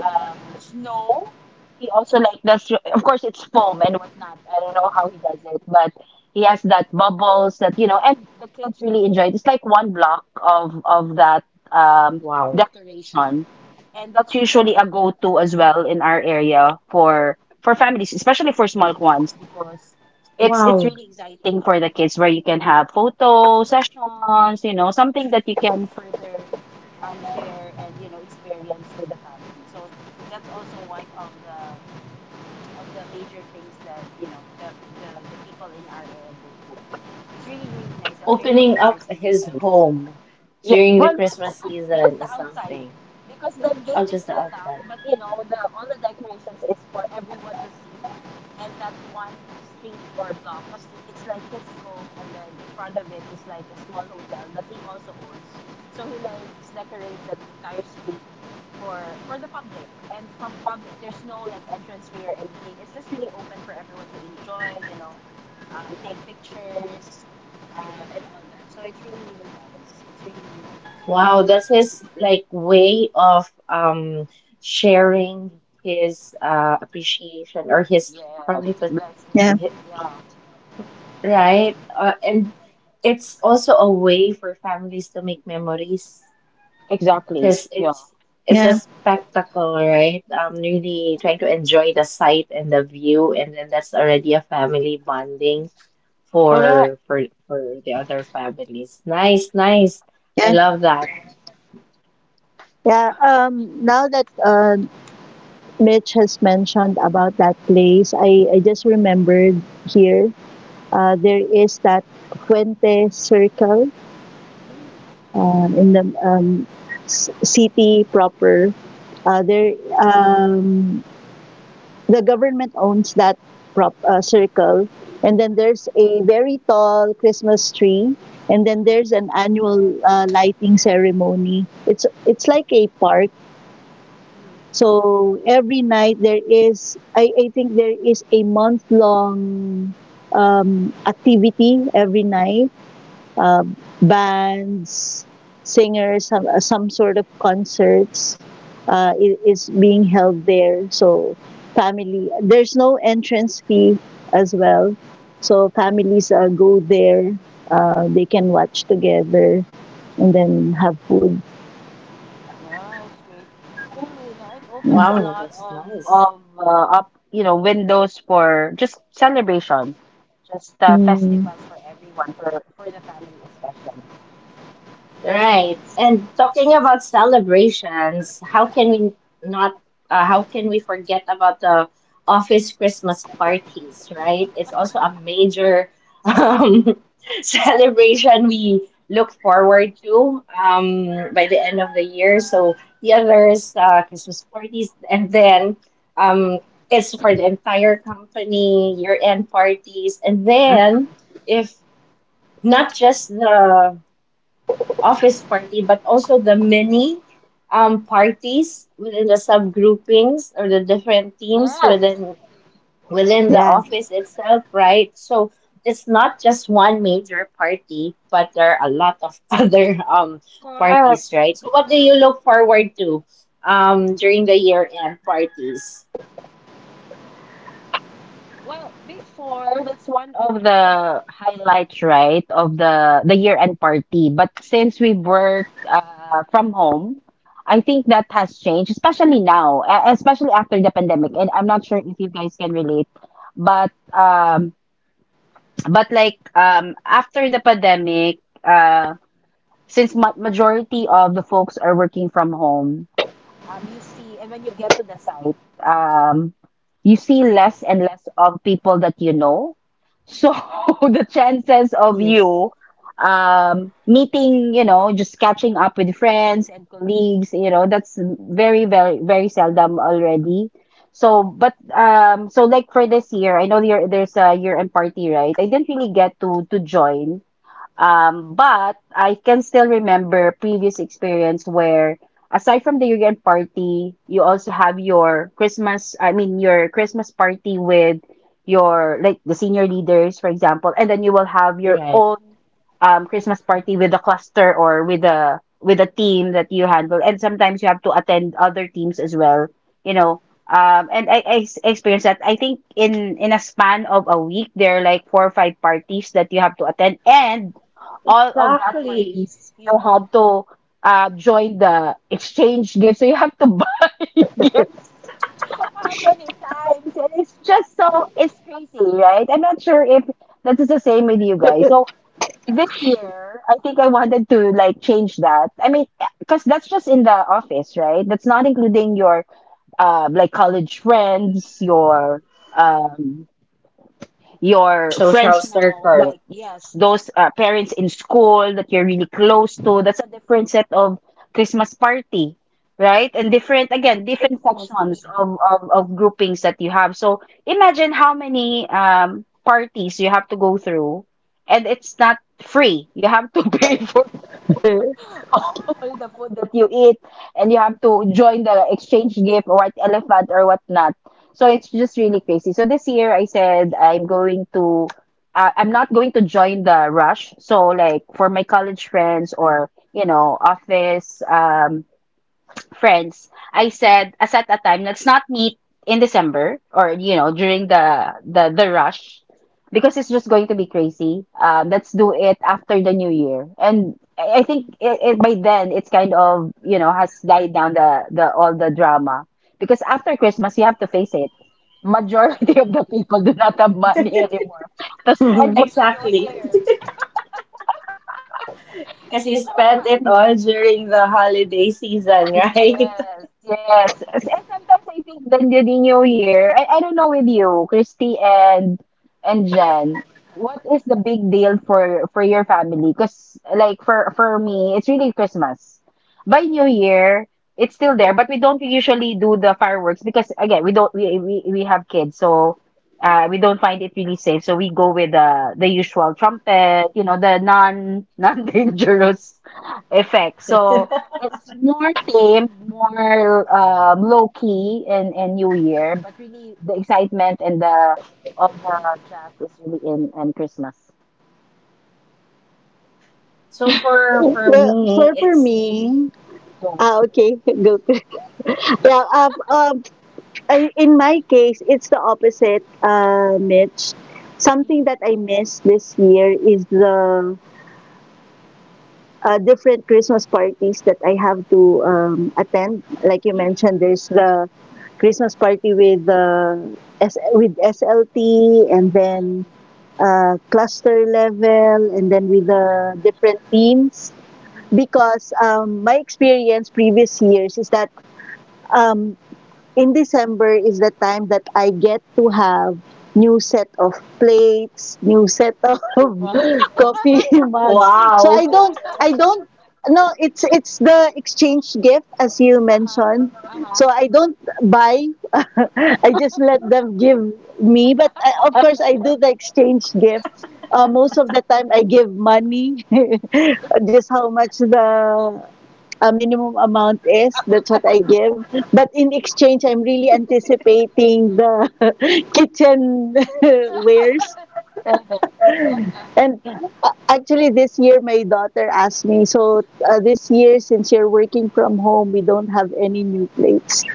[SPEAKER 2] um snow. He also like, that's of course it's foam and whatnot. I don't know how he does it, but he has that bubbles that, you know, and the kids really enjoy it. It's like one block of of that um
[SPEAKER 1] Wow.
[SPEAKER 2] decoration. And that's usually a go-to as well in our area for for families, especially for small ones, because it's it's
[SPEAKER 1] Wow.
[SPEAKER 2] really exciting for the kids, where you can have photo sessions, you know, something that you can further um share and you know, experience with the family. So that's also one of the of the major things that, you know, the the the people in our area go to. It's really really nice. I'll share some
[SPEAKER 1] Opening up
[SPEAKER 2] pictures with you
[SPEAKER 1] his
[SPEAKER 2] guys.
[SPEAKER 1] home
[SPEAKER 2] Yeah.
[SPEAKER 1] during the
[SPEAKER 2] Well,
[SPEAKER 1] Christmas
[SPEAKER 2] just
[SPEAKER 1] season
[SPEAKER 2] the
[SPEAKER 1] is
[SPEAKER 2] outside,
[SPEAKER 1] something.
[SPEAKER 2] because the
[SPEAKER 1] Oh,
[SPEAKER 2] gate is
[SPEAKER 1] just the
[SPEAKER 2] still locked,
[SPEAKER 1] outside.
[SPEAKER 2] but you know, the all the decorations is for everyone to see. And that one street or block, because it's like his home, and then in front of it is like a small hotel that he also owns. So he likes decorate that entire street for for the public. And from public there's no like entrance fee or anything, it's just really open for everyone to enjoy, you know, um take pictures um and all that. So it's really really nice, it's really, it's really
[SPEAKER 1] Wow, that's
[SPEAKER 2] great.
[SPEAKER 1] his like way of um sharing his uh appreciation or his
[SPEAKER 2] Yes,
[SPEAKER 1] probably.
[SPEAKER 2] blessings.
[SPEAKER 3] Yeah.
[SPEAKER 2] Yeah,
[SPEAKER 1] Right? Uh, and it's also a way for families to make memories
[SPEAKER 2] exactly.
[SPEAKER 1] because
[SPEAKER 2] Yeah,
[SPEAKER 1] it's it's a
[SPEAKER 3] Yeah.
[SPEAKER 1] spectacle, right? Um, really trying to enjoy the sight and the view, and then that's already a family bonding
[SPEAKER 2] correct.
[SPEAKER 1] for for for the other families. Nice, nice. I
[SPEAKER 3] Yeah.
[SPEAKER 1] love that.
[SPEAKER 3] Yeah. Um, now that uh, Mitch has mentioned about that place, I, I just remembered here uh, there is that Fuente Circle
[SPEAKER 2] Mm,
[SPEAKER 3] um, in the um, s- city proper. Uh, there,
[SPEAKER 2] mm-hmm,
[SPEAKER 3] um, the government owns that prop uh, circle, and then
[SPEAKER 2] mm-hmm,
[SPEAKER 3] there's a very tall Christmas tree, and then
[SPEAKER 2] mm-hmm,
[SPEAKER 3] there's an annual uh, lighting ceremony. It's it's
[SPEAKER 2] mm-hmm,
[SPEAKER 3] like a park.
[SPEAKER 2] mm-hmm,
[SPEAKER 3] So every night there is, I, I think there is a month long um, activity every night. Um Bands, singers, some, uh, some sort of concerts uh, i- is being held there. So family, there's no entrance fee as
[SPEAKER 2] mm.
[SPEAKER 3] well. So families uh, go there. Uh, they can watch together and then have food.
[SPEAKER 2] Yeah, it's great. Really, you know, it
[SPEAKER 3] Yeah.
[SPEAKER 2] opens a
[SPEAKER 1] Wow,
[SPEAKER 2] lot
[SPEAKER 1] that's
[SPEAKER 2] of
[SPEAKER 1] nice.
[SPEAKER 2] of uh, up, you know, windows for just celebration, just uh,
[SPEAKER 3] Mm,
[SPEAKER 2] festivals for everyone, for for the family especially. Very
[SPEAKER 1] Right.
[SPEAKER 2] nice.
[SPEAKER 1] And talking about celebrations, how can we not, uh, how can we forget about the office Christmas parties, right? It's also a major um, celebration we look forward to um, by the end of the year. So the others, uh, Christmas parties, and then um, it's for the entire company, year-end parties, and then
[SPEAKER 2] Mm,
[SPEAKER 1] if not just the office party, but also the many um, parties within the subgroupings or the different teams
[SPEAKER 2] yes,
[SPEAKER 1] within within the office itself, right? So it's not just one major party, but there are a lot of other um,
[SPEAKER 2] correct.
[SPEAKER 1] parties, right? So what do you look forward to um, during the year end parties?
[SPEAKER 2] Well, before, that's one of the highlights, right, of the the year-end party. But since we work uh, from home, I think that has changed, especially now, e- especially after the pandemic. And I'm not sure if you guys can relate, but um, but like um, after the pandemic, uh, since ma majority of the folks are working from home, um, you see, and when you get to the site, um, you see less and less of people that you know. So the chances of
[SPEAKER 1] Yes,
[SPEAKER 2] you um, meeting, you know, just catching up with friends and colleagues, you know, that's very, very, very seldom already. So, but um, so like for this year, I know there there's a year end party, right? I didn't really get to to join, um, but I can still remember previous experience where, aside from the year end party, you also have your Christmas, I mean your Christmas party with your like the senior leaders, for example. And then you will have your
[SPEAKER 1] right.
[SPEAKER 2] own um Christmas party with a cluster, or with a with a team that you handle. And sometimes you have to attend other teams as well, you know. Um, and I, I s- experienced that. I think in in a span of a week, there are like four or five parties that you have to attend, and all of that
[SPEAKER 1] Exactly.
[SPEAKER 2] parties you had to uh, join the exchange gift. So you have to buy gifts how many times? And it's just so, it's crazy, right? I'm not sure if that is the same with you guys. So this year, I think I wanted to like change that. I mean, because that's just in the office, right? That's not including your uh, like college friends, your um,
[SPEAKER 1] Your
[SPEAKER 2] your
[SPEAKER 1] social
[SPEAKER 2] friends now,
[SPEAKER 1] circle.
[SPEAKER 2] like yes, those uh, parents in school that you're really close to, that's a different set of Christmas party, right? And different
[SPEAKER 1] E-
[SPEAKER 2] again, different
[SPEAKER 1] Exactly.
[SPEAKER 2] sections of of, of groupings that you have. So imagine how many um parties you have to go through. And it's not free, you have to pay for
[SPEAKER 3] yeah.
[SPEAKER 2] all the food that you eat,
[SPEAKER 1] Exactly. You have
[SPEAKER 2] and you
[SPEAKER 1] to
[SPEAKER 2] have to join the exchange gift or white elephant or whatnot. So it's just really crazy. So this year I said I'm going to, uh, I'm not going to join the rush. So like for my college friends, or you know, office um friends, I said as at a time, let's not meet in December, or you know, during the the the rush, because it's just going to be crazy. Uh, let's do it after the new year. And I I think it, it by then it's kind of, you know, has died down, the the all the drama. Because after Christmas you have to face it, majority of the people do not have money anymore to spend for the new
[SPEAKER 1] exactly.
[SPEAKER 2] year.
[SPEAKER 1] Because you
[SPEAKER 2] It's so
[SPEAKER 1] spent it
[SPEAKER 2] funny.
[SPEAKER 1] all during the holiday season, right?
[SPEAKER 2] Yes, yes. As- And sometimes I think the, the the new year, I, I don't know with you, Christy and and Jen, what is the big deal for for your family? Because like for for me, it's really Christmas. By New Year, it's still there, but we don't usually do the fireworks because again, we don't we we, we have kids, so uh we don't find it really safe. So we go with the the usual trumpet, you know, the non non dangerous effect. So it's more tame, more um, low key in, in New Year, but really the excitement and the of the jazz is really in in Christmas.
[SPEAKER 1] So for for
[SPEAKER 3] Well,
[SPEAKER 1] me,
[SPEAKER 3] for for
[SPEAKER 1] it's
[SPEAKER 3] me,
[SPEAKER 2] Go.
[SPEAKER 3] ah, okay, go. Well, um, um, I- in my case, it's the opposite, uh, Mitch. Something
[SPEAKER 2] Mm,
[SPEAKER 3] that I miss this year is the uh, different Christmas parties that I have to um, attend. Like you
[SPEAKER 2] mhm,
[SPEAKER 3] mentioned, there's the Christmas party with uh, S- with S L T, and then
[SPEAKER 2] mm,
[SPEAKER 3] uh, cluster level, and then with
[SPEAKER 2] mhm,
[SPEAKER 3] the different teams
[SPEAKER 2] mhm.
[SPEAKER 3] because um, my experience previous years is that um, in December is the time that I get to have new set of plates, new set of
[SPEAKER 2] Wow.
[SPEAKER 3] coffee mugs. So
[SPEAKER 1] wow.
[SPEAKER 3] I don't, I don't, no, it's it's the exchange gift as you
[SPEAKER 2] Uh-huh,
[SPEAKER 3] mentioned. So
[SPEAKER 2] uh-huh.
[SPEAKER 3] I don't buy. I just let them give me. But I, of course, I do the exchange gift. Uh, most of the time, I give money, just how much the a minimum amount is. That's what I give. But in exchange, I'm really anticipating the kitchen wares.
[SPEAKER 2] Uh-huh.
[SPEAKER 3] And uh, actually, this year, my daughter asked me, so uh, this year, since you're working from home, we don't have any new plates.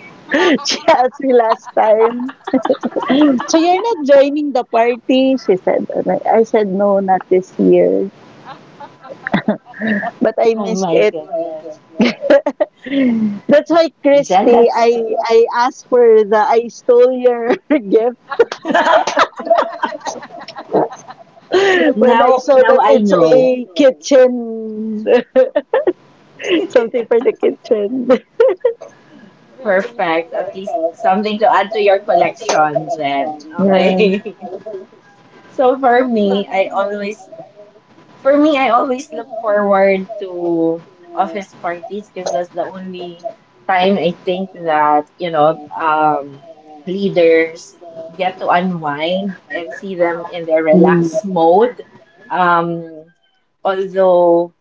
[SPEAKER 3] She asked me last time, so you're not joining the party? She said, and I I said, no, not this year. But I
[SPEAKER 1] Oh
[SPEAKER 3] missed
[SPEAKER 1] my
[SPEAKER 3] it.
[SPEAKER 1] goodness.
[SPEAKER 3] That's why,
[SPEAKER 1] Jen,
[SPEAKER 3] Christy,
[SPEAKER 1] that's
[SPEAKER 3] I I asked for the I stole your gift when I
[SPEAKER 1] now
[SPEAKER 3] saw
[SPEAKER 1] now
[SPEAKER 3] that
[SPEAKER 1] I
[SPEAKER 3] it's
[SPEAKER 1] know.
[SPEAKER 3] a kitchen, something for the kitchen.
[SPEAKER 2] Very uh,
[SPEAKER 1] Perfect. At
[SPEAKER 2] fun.
[SPEAKER 1] least something to add to your collection, Jen.
[SPEAKER 3] Yeah.
[SPEAKER 1] Okay. So
[SPEAKER 2] How
[SPEAKER 1] for
[SPEAKER 2] about you,
[SPEAKER 1] me,
[SPEAKER 2] Caps?
[SPEAKER 1] I
[SPEAKER 2] Christy?
[SPEAKER 1] always. For me, I always look forward to office parties because that's the only time I think that, you know, um, leaders get to unwind and see them
[SPEAKER 2] Uh-huh.
[SPEAKER 1] in their
[SPEAKER 3] Mm.
[SPEAKER 1] relaxed mode. Um, although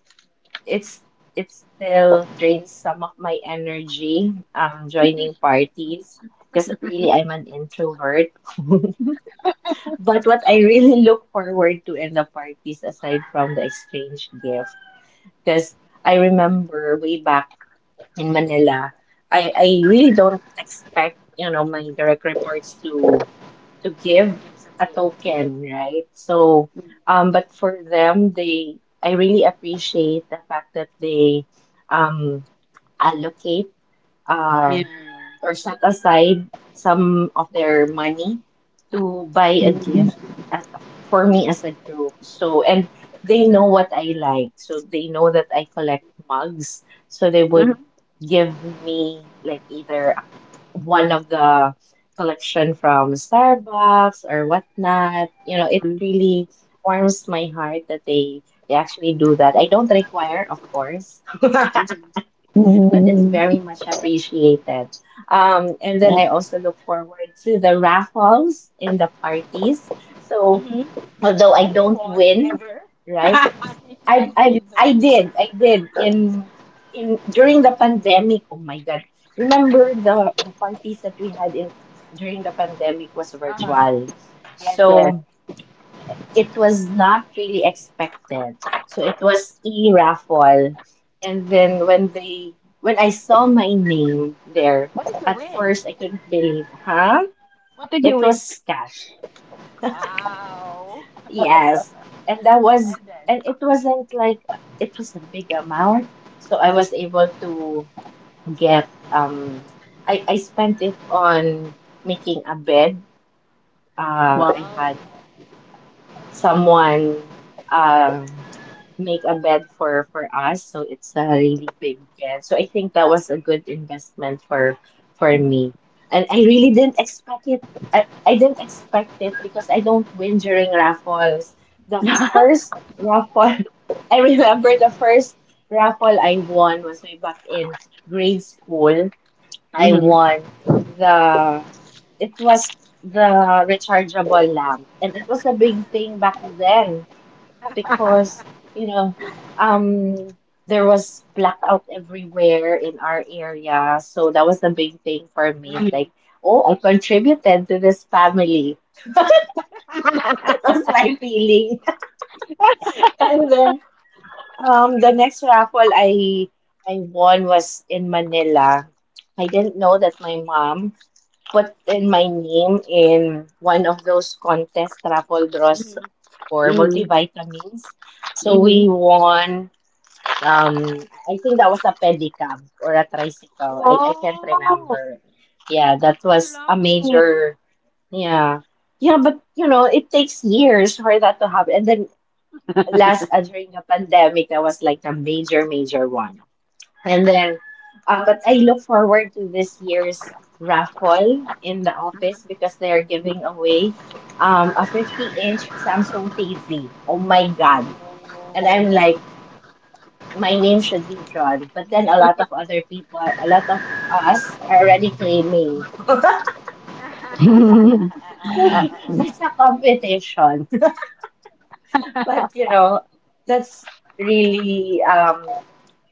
[SPEAKER 1] it's it still drains some of my energy um, joining parties because really I'm an introvert. But what I really look forward to in the parties, aside from the exchange gift, because I remember way back in Manila, I, I really don't expect, you know, my direct reports to to give
[SPEAKER 2] Give
[SPEAKER 1] a
[SPEAKER 2] something. Yeah.
[SPEAKER 1] token, right? So,
[SPEAKER 2] Mm.
[SPEAKER 1] um, but for them, they I really appreciate the fact that they um allocate uh
[SPEAKER 2] Yeah.
[SPEAKER 1] or set aside some of their money to buy a gift at, for
[SPEAKER 2] Mm-hmm.
[SPEAKER 1] me as a group. So, and they know what I like. So they know that I collect mugs. So they would
[SPEAKER 2] Mhm.
[SPEAKER 1] give me like either one of the collection from Starbucks or whatnot. You know, it
[SPEAKER 2] Mm-hmm.
[SPEAKER 1] really warms my heart that they they actually do that. I don't require, of course. But it's
[SPEAKER 3] Mm.
[SPEAKER 1] very much appreciated. Um, and then I also look forward to the raffles in the parties. So
[SPEAKER 2] Mm-hmm.
[SPEAKER 1] although I
[SPEAKER 2] Have you
[SPEAKER 1] don't
[SPEAKER 2] won
[SPEAKER 1] win,
[SPEAKER 2] ever?
[SPEAKER 1] right? I I
[SPEAKER 2] Yes.
[SPEAKER 1] I did I did in in during the pandemic. Oh my God! Remember the the parties that we had in during the pandemic was
[SPEAKER 2] Uh-huh.
[SPEAKER 1] virtual.
[SPEAKER 2] Yes, yes.
[SPEAKER 1] So it was not really expected. So it was e raffle. And then when they when I saw my name there,
[SPEAKER 2] What did you
[SPEAKER 1] at
[SPEAKER 2] win?
[SPEAKER 1] first I couldn't believe, huh?
[SPEAKER 2] What did you
[SPEAKER 1] It
[SPEAKER 2] win?
[SPEAKER 1] was cash.
[SPEAKER 2] Wow.
[SPEAKER 1] Yes. And that was
[SPEAKER 2] And then.
[SPEAKER 1] and it wasn't like it was a big amount. So I was able to get um I, I spent it on making a bed. Uh I
[SPEAKER 2] Wow.
[SPEAKER 1] had someone um, make a bed for for us. So it's a really big bed. So I think that was a good investment for for me. And I really didn't expect it. I, I didn't expect it because I don't win during raffles. The first raffle, I remember the first raffle I won was way back in grade school. I
[SPEAKER 2] mm-hmm.
[SPEAKER 1] won the, it was the rechargeable lamp. And it was a big thing back then because, you know, um, there was blackout everywhere in our area. So that was the big thing for me. It's like,
[SPEAKER 2] Mm-hmm.
[SPEAKER 1] oh, I contributed to this family. That
[SPEAKER 2] Mm-hmm.
[SPEAKER 1] was my feeling. And then um, the next raffle I I won was in Manila. I didn't know that my mom put in my name in one of those contest raffle draws for
[SPEAKER 2] Mm-hmm.
[SPEAKER 1] multivitamins. So
[SPEAKER 2] Mm-hmm.
[SPEAKER 1] we won. Um, I think that was a pedicab or a tricycle. I, I can't
[SPEAKER 2] Wow.
[SPEAKER 1] remember. Yeah, that
[SPEAKER 2] You're
[SPEAKER 1] was a
[SPEAKER 2] lucky.
[SPEAKER 1] major. Yeah, yeah, but you know, it takes years for that to happen. And then last uh, during the pandemic, that was like the major, major one. And then, uh, but I look forward to this year's raffle in the
[SPEAKER 2] Mhm,
[SPEAKER 1] office because they are
[SPEAKER 2] mhm.
[SPEAKER 1] giving away um, a fifty-inch Samsung T V. Oh my God. And I'm
[SPEAKER 2] Oh.
[SPEAKER 1] like, my name
[SPEAKER 2] It's
[SPEAKER 1] should be drawn. But then a lot of other people, a lot of us are already claiming.
[SPEAKER 2] Uh,
[SPEAKER 3] Mm,
[SPEAKER 1] So it's a competition. But, you know, that's really, um,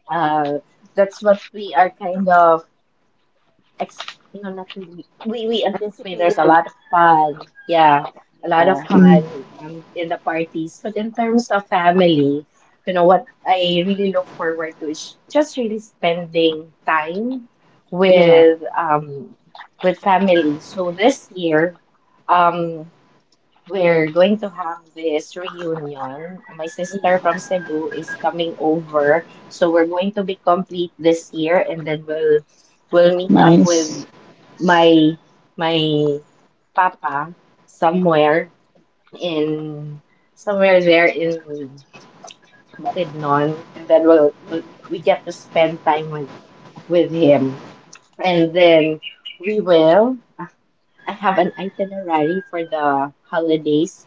[SPEAKER 1] uh, that's what we are kind of ex no not really we we at there's a
[SPEAKER 2] anticipating.
[SPEAKER 1] lot of fun yeah a lot of
[SPEAKER 2] Yeah.
[SPEAKER 1] fun um in the parties but in terms of family you know what I really look forward to is just really spending time
[SPEAKER 2] Yeah.
[SPEAKER 1] with um with family so this year um we're going to have this reunion. My sister from
[SPEAKER 2] Mm-hmm.
[SPEAKER 1] Cebu is coming over, so we're going to be complete this year, and then we'll we'll meet up with
[SPEAKER 3] nice.
[SPEAKER 1] my my papa somewhere in somewhere there in Bukidnon, and then we'll, we'll
[SPEAKER 2] Mm-hmm.
[SPEAKER 1] we get to spend time with with him, and then we will. I have an itinerary for the holidays.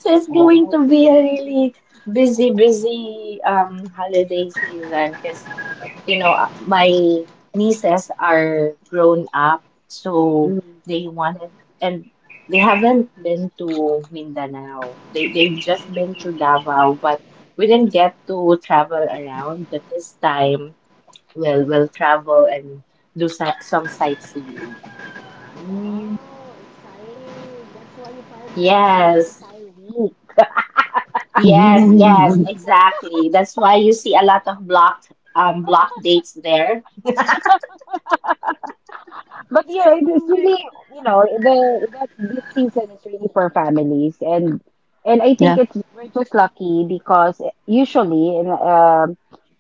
[SPEAKER 1] So it's going
[SPEAKER 2] Wow.
[SPEAKER 1] to be a really busy, busy um holiday season because you know uh, my nieces are grown up, so they wanted and they haven't been to Mindanao. They they've just been to
[SPEAKER 2] Mm-hmm.
[SPEAKER 1] Davao, but we didn't get to travel around. But this time, we'll we'll travel and do si- some sightseeing. Ah.
[SPEAKER 2] Wow, exciting. That's why you filed for leave the
[SPEAKER 1] Yes.
[SPEAKER 2] entire week.
[SPEAKER 1] Yes, yes,
[SPEAKER 3] Mm,
[SPEAKER 1] exactly. That's why you see a lot of blocked um blocked dates there.
[SPEAKER 2] But yeah, it-
[SPEAKER 1] Oh,
[SPEAKER 2] it's
[SPEAKER 1] my-
[SPEAKER 2] really, you know, the that this season is really for families and and I
[SPEAKER 3] yeah,
[SPEAKER 2] think it's we're just lucky because usually in um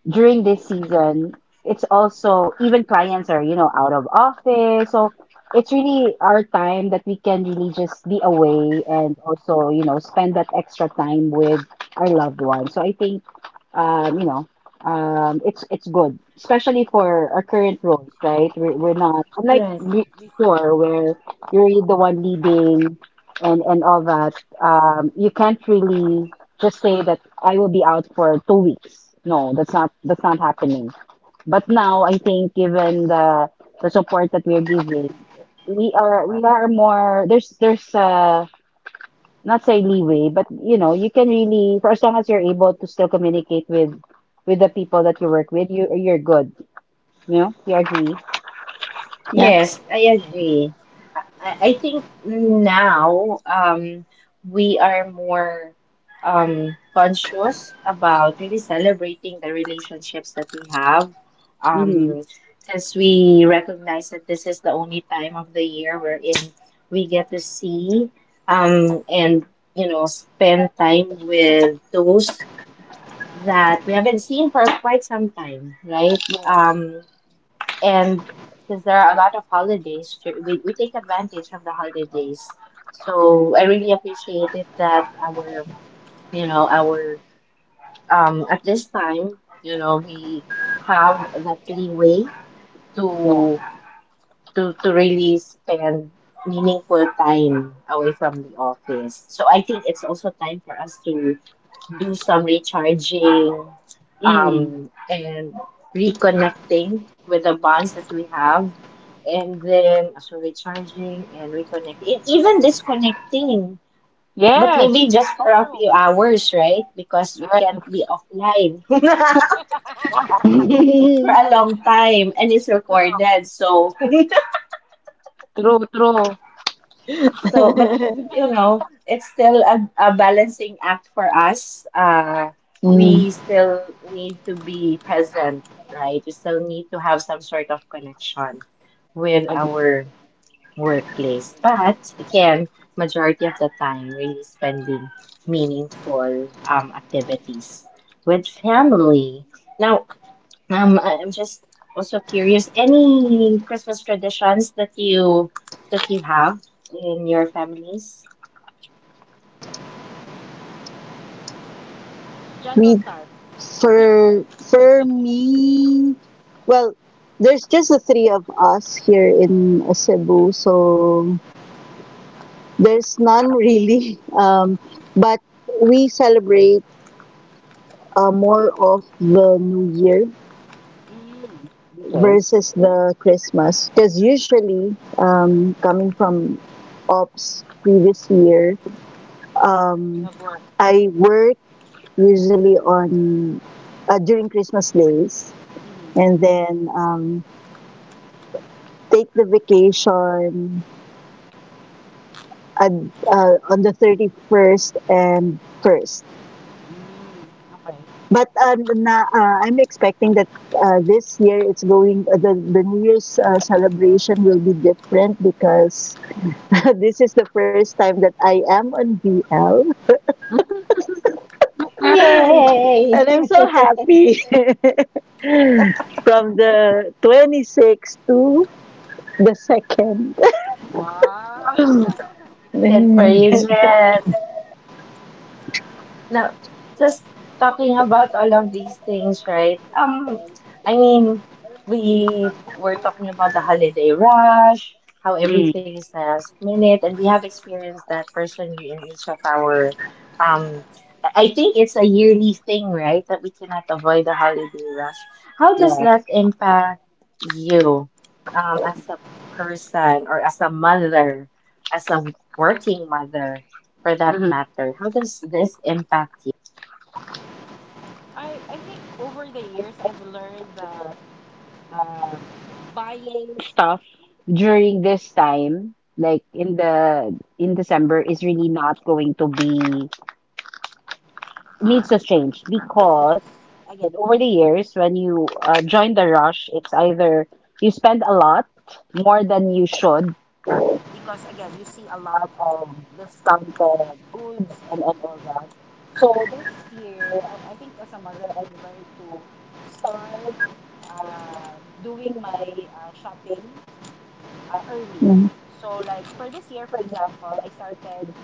[SPEAKER 2] during this season, it's also even clients are, you know, out of office. So it's really our time that we can really just be away and also, you know, spend that extra time with our loved ones. So I think um, you know, um, it's it's good, especially for our current roles, right? We're, we're not unlike
[SPEAKER 1] Right.
[SPEAKER 2] be- before where you're really the one leading and and all that. Um, you can't really just say that I will be out for two weeks. No, that's not that's not happening. But now I think given the the support that we're giving, we are we are more there's there's uh not say leeway, but you know, you can really, for as long as you're able to still communicate with with the people that you work with, you you're good. You know, you agree?
[SPEAKER 3] yeah.
[SPEAKER 1] Yes, I
[SPEAKER 2] That's the same.
[SPEAKER 1] agree. I I think now, um, we are more um, conscious about really celebrating the relationships that we have.
[SPEAKER 2] Mm-hmm.
[SPEAKER 1] Um, since we recognize that this is the only time of the year wherein we get to see, um, and you know spend time with those that we haven't seen for quite some time, right?
[SPEAKER 2] Yes.
[SPEAKER 1] Um, and because there are a lot of holidays to, we, we take advantage of the holidays, so I really appreciate it that our you know our, um at this time, you know, we have that leeway
[SPEAKER 2] Yeah.
[SPEAKER 1] to to to really spend meaningful time away from the office. So I think it's also time for us to do some recharging,
[SPEAKER 2] Mm.
[SPEAKER 1] um, and reconnecting with the bonds that we have. And then, so recharging and reconnecting, e- even disconnecting, but maybe
[SPEAKER 2] Yes.
[SPEAKER 1] just for a few hours, right? Because we can't be
[SPEAKER 2] Yes.
[SPEAKER 1] offline for a long time and it's recorded. So,
[SPEAKER 2] True. True.
[SPEAKER 1] so, but you know, it's still a, a balancing act for us. Uh,
[SPEAKER 3] Mm.
[SPEAKER 1] we still need to be present, right? We still need to have some sort of connection with
[SPEAKER 2] Agree.
[SPEAKER 1] our workplace. But again, majority of the time, really spending meaningful um activities with family. Now, um, I- I'm just also curious, any Christmas traditions that you that you have in your families?
[SPEAKER 2] Jen will
[SPEAKER 3] We
[SPEAKER 2] start.
[SPEAKER 3] for for me, well, there's just the three of us here in Cebu, so there's none really. Um, but we celebrate uh, more of the New Year
[SPEAKER 2] mm. Okay.
[SPEAKER 3] versus the Christmas, because usually, um, coming from ops previous year.
[SPEAKER 2] You
[SPEAKER 3] Um,
[SPEAKER 2] have work.
[SPEAKER 3] I work usually on uh, during Christmas days,
[SPEAKER 2] Mm-hmm.
[SPEAKER 3] and then um, take the vacation at, uh, on the thirty first and first.
[SPEAKER 2] Mm. Okay.
[SPEAKER 3] But uh, na, uh, I'm expecting that uh, this year it's going uh, the the New Year's uh, celebration will be different because this is the first time that I am on V L, and
[SPEAKER 1] Yay!
[SPEAKER 3] I'm so happy. From the twenty-sixth to the second.
[SPEAKER 2] Wow.
[SPEAKER 1] Good for you, Jen. Now, just talking about all of these things, right? Um, I mean, we were talking about the holiday rush, how
[SPEAKER 2] Mm.
[SPEAKER 1] everything is last minute, and we have experienced that personally in each of our, um, I I think it's a yearly thing, right? That we cannot avoid the holiday rush. How does that
[SPEAKER 2] Yes.
[SPEAKER 1] impact you, um, as a person or as a mother, as a working mother? For that
[SPEAKER 2] Mm-hmm.
[SPEAKER 1] matter? How does this impact
[SPEAKER 2] I I think over the years I've learned that. um, Buying stuff during this time, like in the in December, is really not going to be needs to change because again, over the years, when you uh, join the rush, it's either you spend a lot more than you should because again, you see a lot of discounted goods and, and all that. So this year, I I think as a mother, I've learned to start uh, doing my uh, shopping uh, early. So like for this year, for example, I started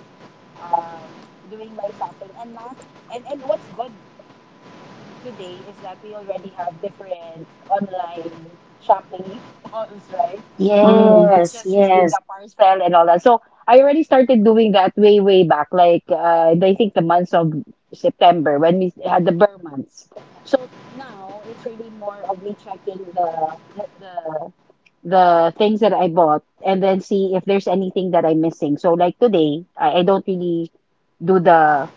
[SPEAKER 2] um doing my shopping and not and and what's good today is that we already have different online shopping malls,
[SPEAKER 1] you?
[SPEAKER 2] right? Where you can
[SPEAKER 1] Yes,
[SPEAKER 2] just receive
[SPEAKER 1] yes,
[SPEAKER 2] the parcel and all that. So I already started doing that way way back, like uh, I think the months of September when we had the Burr months. So now it's really more of me checking the the the the things that I bought and then see if there's anything that I'm missing. So like today, I, I don't really do the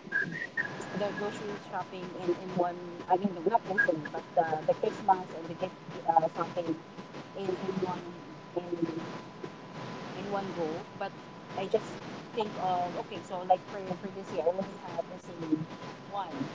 [SPEAKER 2] the grocery shopping in in one. I mean, no, not grocery, but the the Christmas and the gift gi- uh, shopping in in one in in one go. But I just think of okay, so like for for this year, I only have missing one.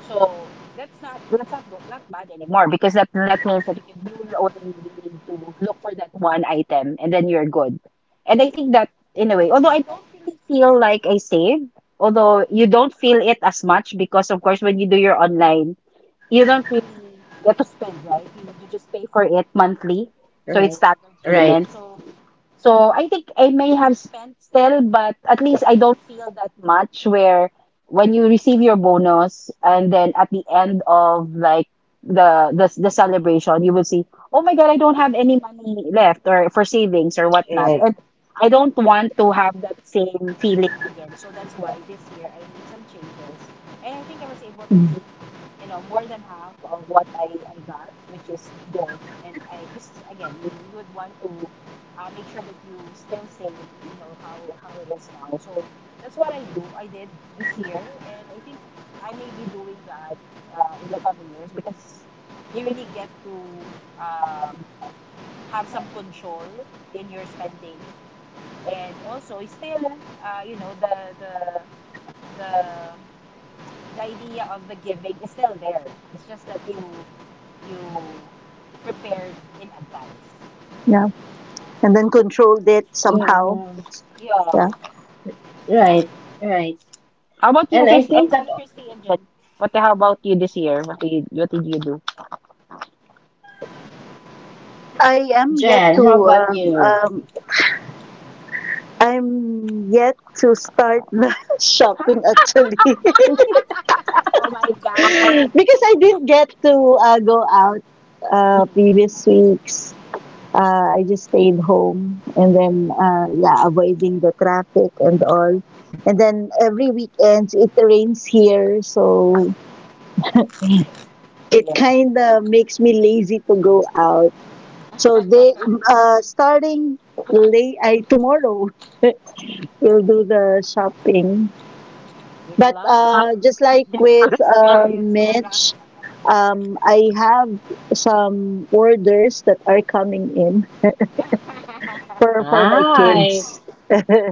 [SPEAKER 2] So that's not that's not go, not bad anymore because that that means that you can you will only really need to look for that one item and then you're good. And I think that in a way, although I don't really feel like I saved, although you don't feel it as much because of course when you do your online, you don't really get to spend, right? You you just pay for it monthly. So
[SPEAKER 1] right,
[SPEAKER 2] it's staggered
[SPEAKER 1] right,
[SPEAKER 2] payment. So so I think I may have spent still, but at least I don't feel that much where when you receive your bonus and then at the end of like the the, the celebration, you will see, oh my God, I don't have any money left or for savings or whatnot.
[SPEAKER 1] right.
[SPEAKER 2] And I don't want to have that same feeling again. So that's why this year I made some changes. And I think I was able to
[SPEAKER 3] Mm.
[SPEAKER 2] keep, you know, more than half of what I, I got, which is good. And I, cause again, you, you would want to uh, make sure that you still save, you know, how how it is now. So that's what I do. I did this year, and I think I may be doing that uh, in the coming years because you really get to um, have some control in your spending, and also it's still, uh, you know, the the the the idea of the giving is still there. It's just that you you prepared in advance.
[SPEAKER 3] Yeah, and then controlled it somehow.
[SPEAKER 1] Yeah,
[SPEAKER 2] Yeah.
[SPEAKER 3] Yeah,
[SPEAKER 1] right, right.
[SPEAKER 2] How about you,
[SPEAKER 1] And I
[SPEAKER 2] Chris? Uh,
[SPEAKER 1] think that,
[SPEAKER 2] you, Christy and Jen? What? How about you this year? What did you, what did you do?
[SPEAKER 3] I am yet
[SPEAKER 1] Jen, how
[SPEAKER 3] to
[SPEAKER 1] about
[SPEAKER 3] um,
[SPEAKER 1] you?
[SPEAKER 3] um I'm yet to start the shopping actually
[SPEAKER 2] Oh my God.
[SPEAKER 3] because I didn't get to uh, go out uh,
[SPEAKER 2] Mm,
[SPEAKER 3] previous weeks. Uh, I just stayed home and then,
[SPEAKER 2] mm.
[SPEAKER 3] uh, yeah, avoiding the traffic and all. And then every weekends it rains here, so it
[SPEAKER 2] Yeah.
[SPEAKER 3] kind of makes me lazy to go out. So they uh, starting late I, tomorrow, we'll do the shopping.
[SPEAKER 2] Good
[SPEAKER 3] But
[SPEAKER 2] luck.
[SPEAKER 3] uh, just like
[SPEAKER 2] You will
[SPEAKER 3] with uh,
[SPEAKER 2] experience the rough.
[SPEAKER 3] Mitch, um, I have some orders that are coming in for for my
[SPEAKER 1] Nice.
[SPEAKER 3] kids.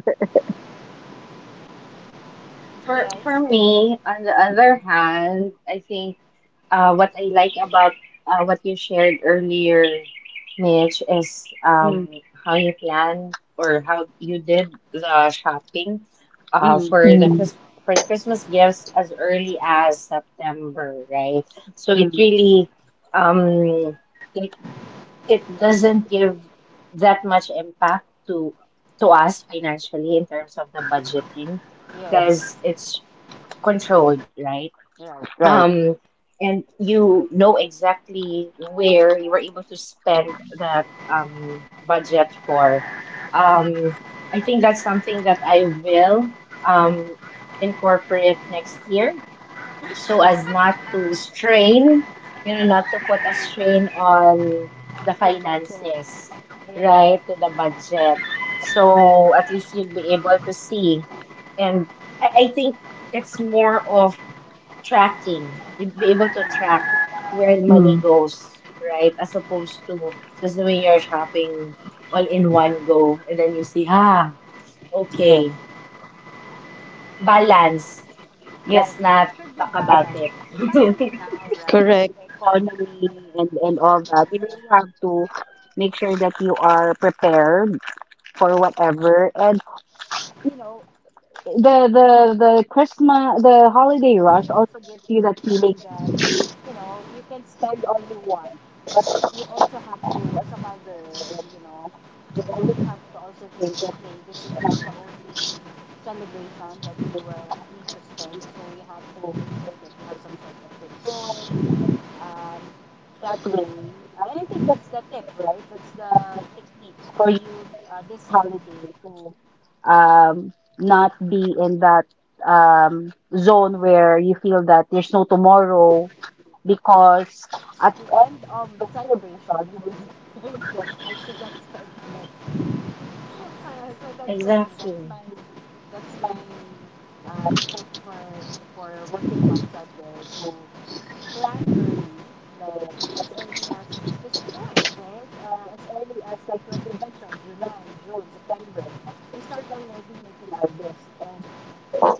[SPEAKER 1] For
[SPEAKER 2] yeah,
[SPEAKER 1] for
[SPEAKER 2] it's.
[SPEAKER 1] me, on the other
[SPEAKER 2] Mm,
[SPEAKER 1] hand, I think, uh, what I like about uh, what you shared earlier, Mitch, is,
[SPEAKER 2] Mm,
[SPEAKER 1] um, how you plan or how you did the shopping uh,
[SPEAKER 2] mm,
[SPEAKER 1] for the
[SPEAKER 3] Mm.
[SPEAKER 1] Chris for the Christmas gifts as early as September, right? So it
[SPEAKER 2] mm.
[SPEAKER 1] really, um, it, it doesn't give that much impact to to us financially in terms of the budgeting because
[SPEAKER 2] Yes.
[SPEAKER 1] it's controlled, right?
[SPEAKER 2] Right. Right.
[SPEAKER 1] Um, and you know exactly where you were able to spend that, um, budget for.
[SPEAKER 2] Mm.
[SPEAKER 1] Um, I think that's something that I will, um, incorporate next year so as not to strain, you know, not to put a strain on the
[SPEAKER 2] Your budget.
[SPEAKER 1] finances,
[SPEAKER 2] Yes.
[SPEAKER 1] right, to the budget. So at least you'd be able to see. And I, I think it's more of tracking. You'd be able to
[SPEAKER 2] Mm,
[SPEAKER 1] track where
[SPEAKER 3] Mm.
[SPEAKER 1] money goes, right? As opposed to just doing your shopping all in one go. And then you see, ah,
[SPEAKER 2] Yes. yes.
[SPEAKER 1] okay, balance. Let's
[SPEAKER 2] Yes, it
[SPEAKER 1] not
[SPEAKER 2] should be
[SPEAKER 1] talk about
[SPEAKER 2] balanced,
[SPEAKER 1] it.
[SPEAKER 2] especially now, right?
[SPEAKER 3] Correct.
[SPEAKER 2] With the economy and, and all that. You really have to make sure that you are prepared for whatever. And, you know, the the the Christmas the holiday rush also gives you that feeling that you know you can spend all you want, but you also have to as a mother and you know you always have to also think that hey this is not the only celebration that you will ha- need to spend, so you have to make sure that you have some sort of control um, that way, uh, and I think that's the tip, right? That's the technique for you uh, this holiday to um, not be in that um, zone where you feel that there's no tomorrow because at the end of the celebration, you would think that I should have spent less. Uh, so that's for me. That's
[SPEAKER 1] Exactly.
[SPEAKER 2] my that's my um, tips for for working moms out there to plan early, like as early as, because we do it, right? Uh, as early as like what you mentioned, July, June, September, we start already making our list. And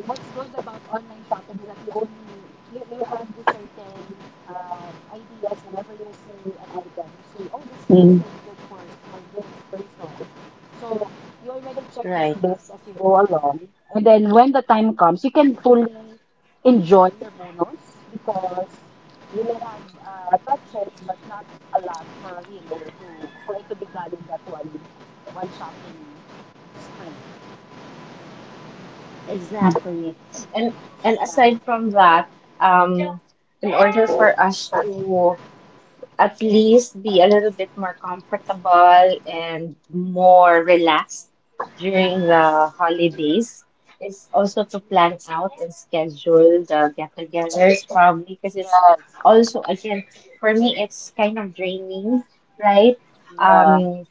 [SPEAKER 2] what's good about online shopping is that you only you, you have the certain um, ideas whenever you see an item you see oh this this
[SPEAKER 3] Mm.
[SPEAKER 2] will be good for for this person so you already check that
[SPEAKER 1] Right.
[SPEAKER 2] list as you go along and then when the time comes you can fully enjoy your bonus because you may have uh, touched it but not a lot for you know to for it to be gone in that one one shopping spree
[SPEAKER 1] Exactly. And and
[SPEAKER 2] yeah
[SPEAKER 1] aside from that, um, in order for us to at least be a little bit more comfortable and more relaxed during the holidays is also to plan out and schedule the get-togethers probably because it's
[SPEAKER 2] yes
[SPEAKER 1] also again for me it's kind of draining, right?
[SPEAKER 2] yeah
[SPEAKER 1] um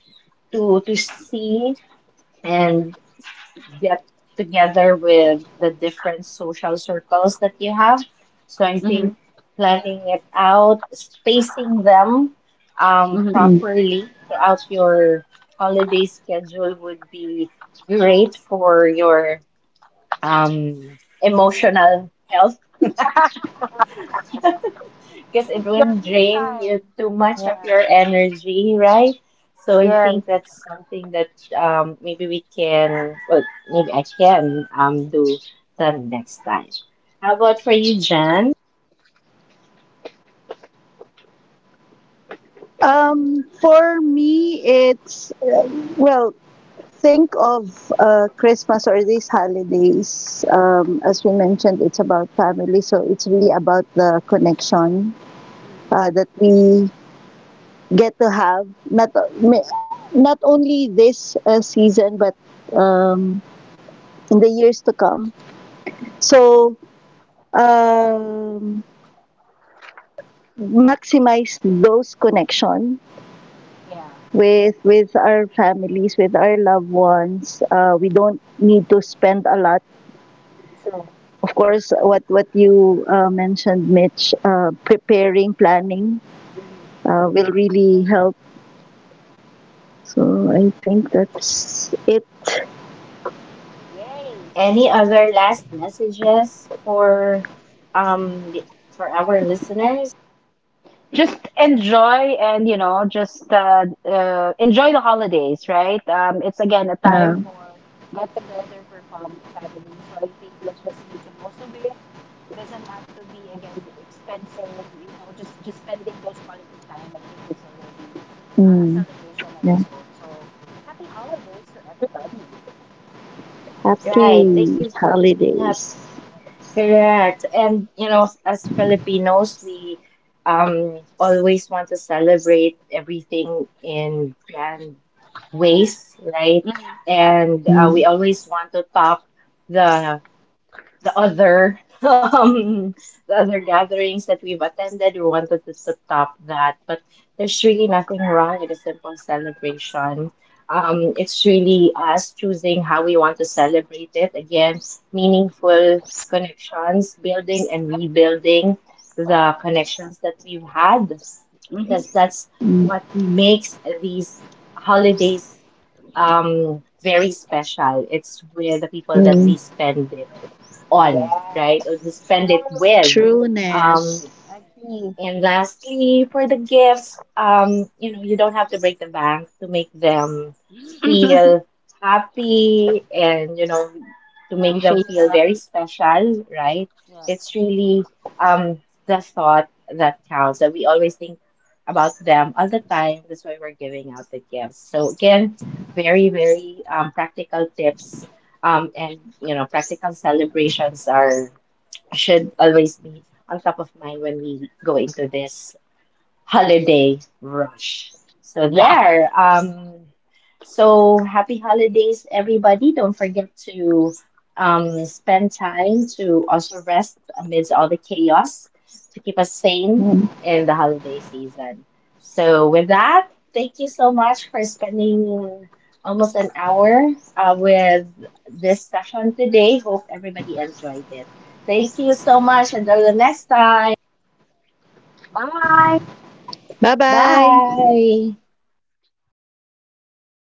[SPEAKER 1] to to see and get together with the different social circles that you have. So I
[SPEAKER 2] hmm
[SPEAKER 1] think planning it out, spacing them, um,
[SPEAKER 2] hmm
[SPEAKER 3] Mm.
[SPEAKER 1] properly throughout your holiday schedule would be great for your, um, emotional health. Because it
[SPEAKER 2] Your
[SPEAKER 1] will
[SPEAKER 2] me
[SPEAKER 1] drain you
[SPEAKER 2] time.
[SPEAKER 1] too much of
[SPEAKER 2] Yeah.
[SPEAKER 1] your energy, right? So I
[SPEAKER 2] Yes.
[SPEAKER 1] think that's something that, um, maybe we can, well, maybe I can um, do the next time. How about for you, Jan?
[SPEAKER 3] Um, for me, it's uh, well, think of uh, Christmas or these holidays. Um, as we mentioned, it's about family, so it's really about the connection
[SPEAKER 2] hmm
[SPEAKER 3] uh, that we get to have. Not ma- not only this uh, season, but um, in the years to come.
[SPEAKER 2] hmm
[SPEAKER 3] So um, maximize those connection
[SPEAKER 2] Yeah.
[SPEAKER 3] with with our families, with our loved ones. Uh, we don't need to spend a lot.
[SPEAKER 2] So,
[SPEAKER 3] Of course, what what you uh, mentioned, Mitch, uh, preparing, planning
[SPEAKER 2] hmm
[SPEAKER 3] uh, will really help. So I think that's it.
[SPEAKER 2] yay.
[SPEAKER 1] Any other last messages for um the, for our listeners?
[SPEAKER 2] Just enjoy and, you know, just uh, uh, enjoy the holidays, right? Um, it's again a
[SPEAKER 3] Uh,
[SPEAKER 2] time for get together for fam family. So I think let's just make the most of it. It doesn't have to be again expensive, you know, just just spending those quality time. I think it's already uh, a
[SPEAKER 3] mm,
[SPEAKER 2] celebration of
[SPEAKER 3] yeah.
[SPEAKER 2] its own. So happy holidays to everybody.
[SPEAKER 1] Right. Thank
[SPEAKER 3] Happy
[SPEAKER 1] you so much.
[SPEAKER 3] holidays.
[SPEAKER 1] Correct. And you know, as Filipinos, we um always want to celebrate everything in grand ways, right?
[SPEAKER 2] Mhm.
[SPEAKER 1] And uh,
[SPEAKER 3] Mm,
[SPEAKER 1] we always want to top the the other um, the other gatherings that we've attended, we wanted to s- top that, but there's really nothing wrong with a simple celebration. Um, it's really us choosing how we want to celebrate it. Again, meaningful connections, building and rebuilding the connections that we've had,
[SPEAKER 2] Yep. hmm
[SPEAKER 1] because that's
[SPEAKER 3] mm,
[SPEAKER 1] what makes these holidays um very special. It's with the people that
[SPEAKER 3] mm.
[SPEAKER 1] we spend it on, right? Or to
[SPEAKER 2] Yes.
[SPEAKER 1] spend it
[SPEAKER 2] True.
[SPEAKER 1] with.
[SPEAKER 3] Trueness.
[SPEAKER 1] Um,
[SPEAKER 2] Agree.
[SPEAKER 1] and lastly, for the gifts, um, you know, you don't have to break the bank to make them feel happy and, you know, to make them
[SPEAKER 2] Appreciate
[SPEAKER 1] feel
[SPEAKER 2] that.
[SPEAKER 1] very special, right? It's
[SPEAKER 2] Yes.
[SPEAKER 1] really, um, the thought that counts, that we always think about them all the time. That's why we're giving out the gifts. So, again, very, very um, practical tips. Um, and, you know, practical celebrations are should always be on top of mind when we go into this holiday rush. So there. Um, so happy holidays, everybody. Don't forget to um, spend time to also rest amidst all the chaos to keep us sane
[SPEAKER 3] Mm.
[SPEAKER 1] in the holiday season. So with that, thank you so much for spending almost an hour uh, with this session today. Hope everybody enjoyed it. Thank you so much. Until the next time.
[SPEAKER 2] Bye.
[SPEAKER 3] Bye bye.
[SPEAKER 1] Bye.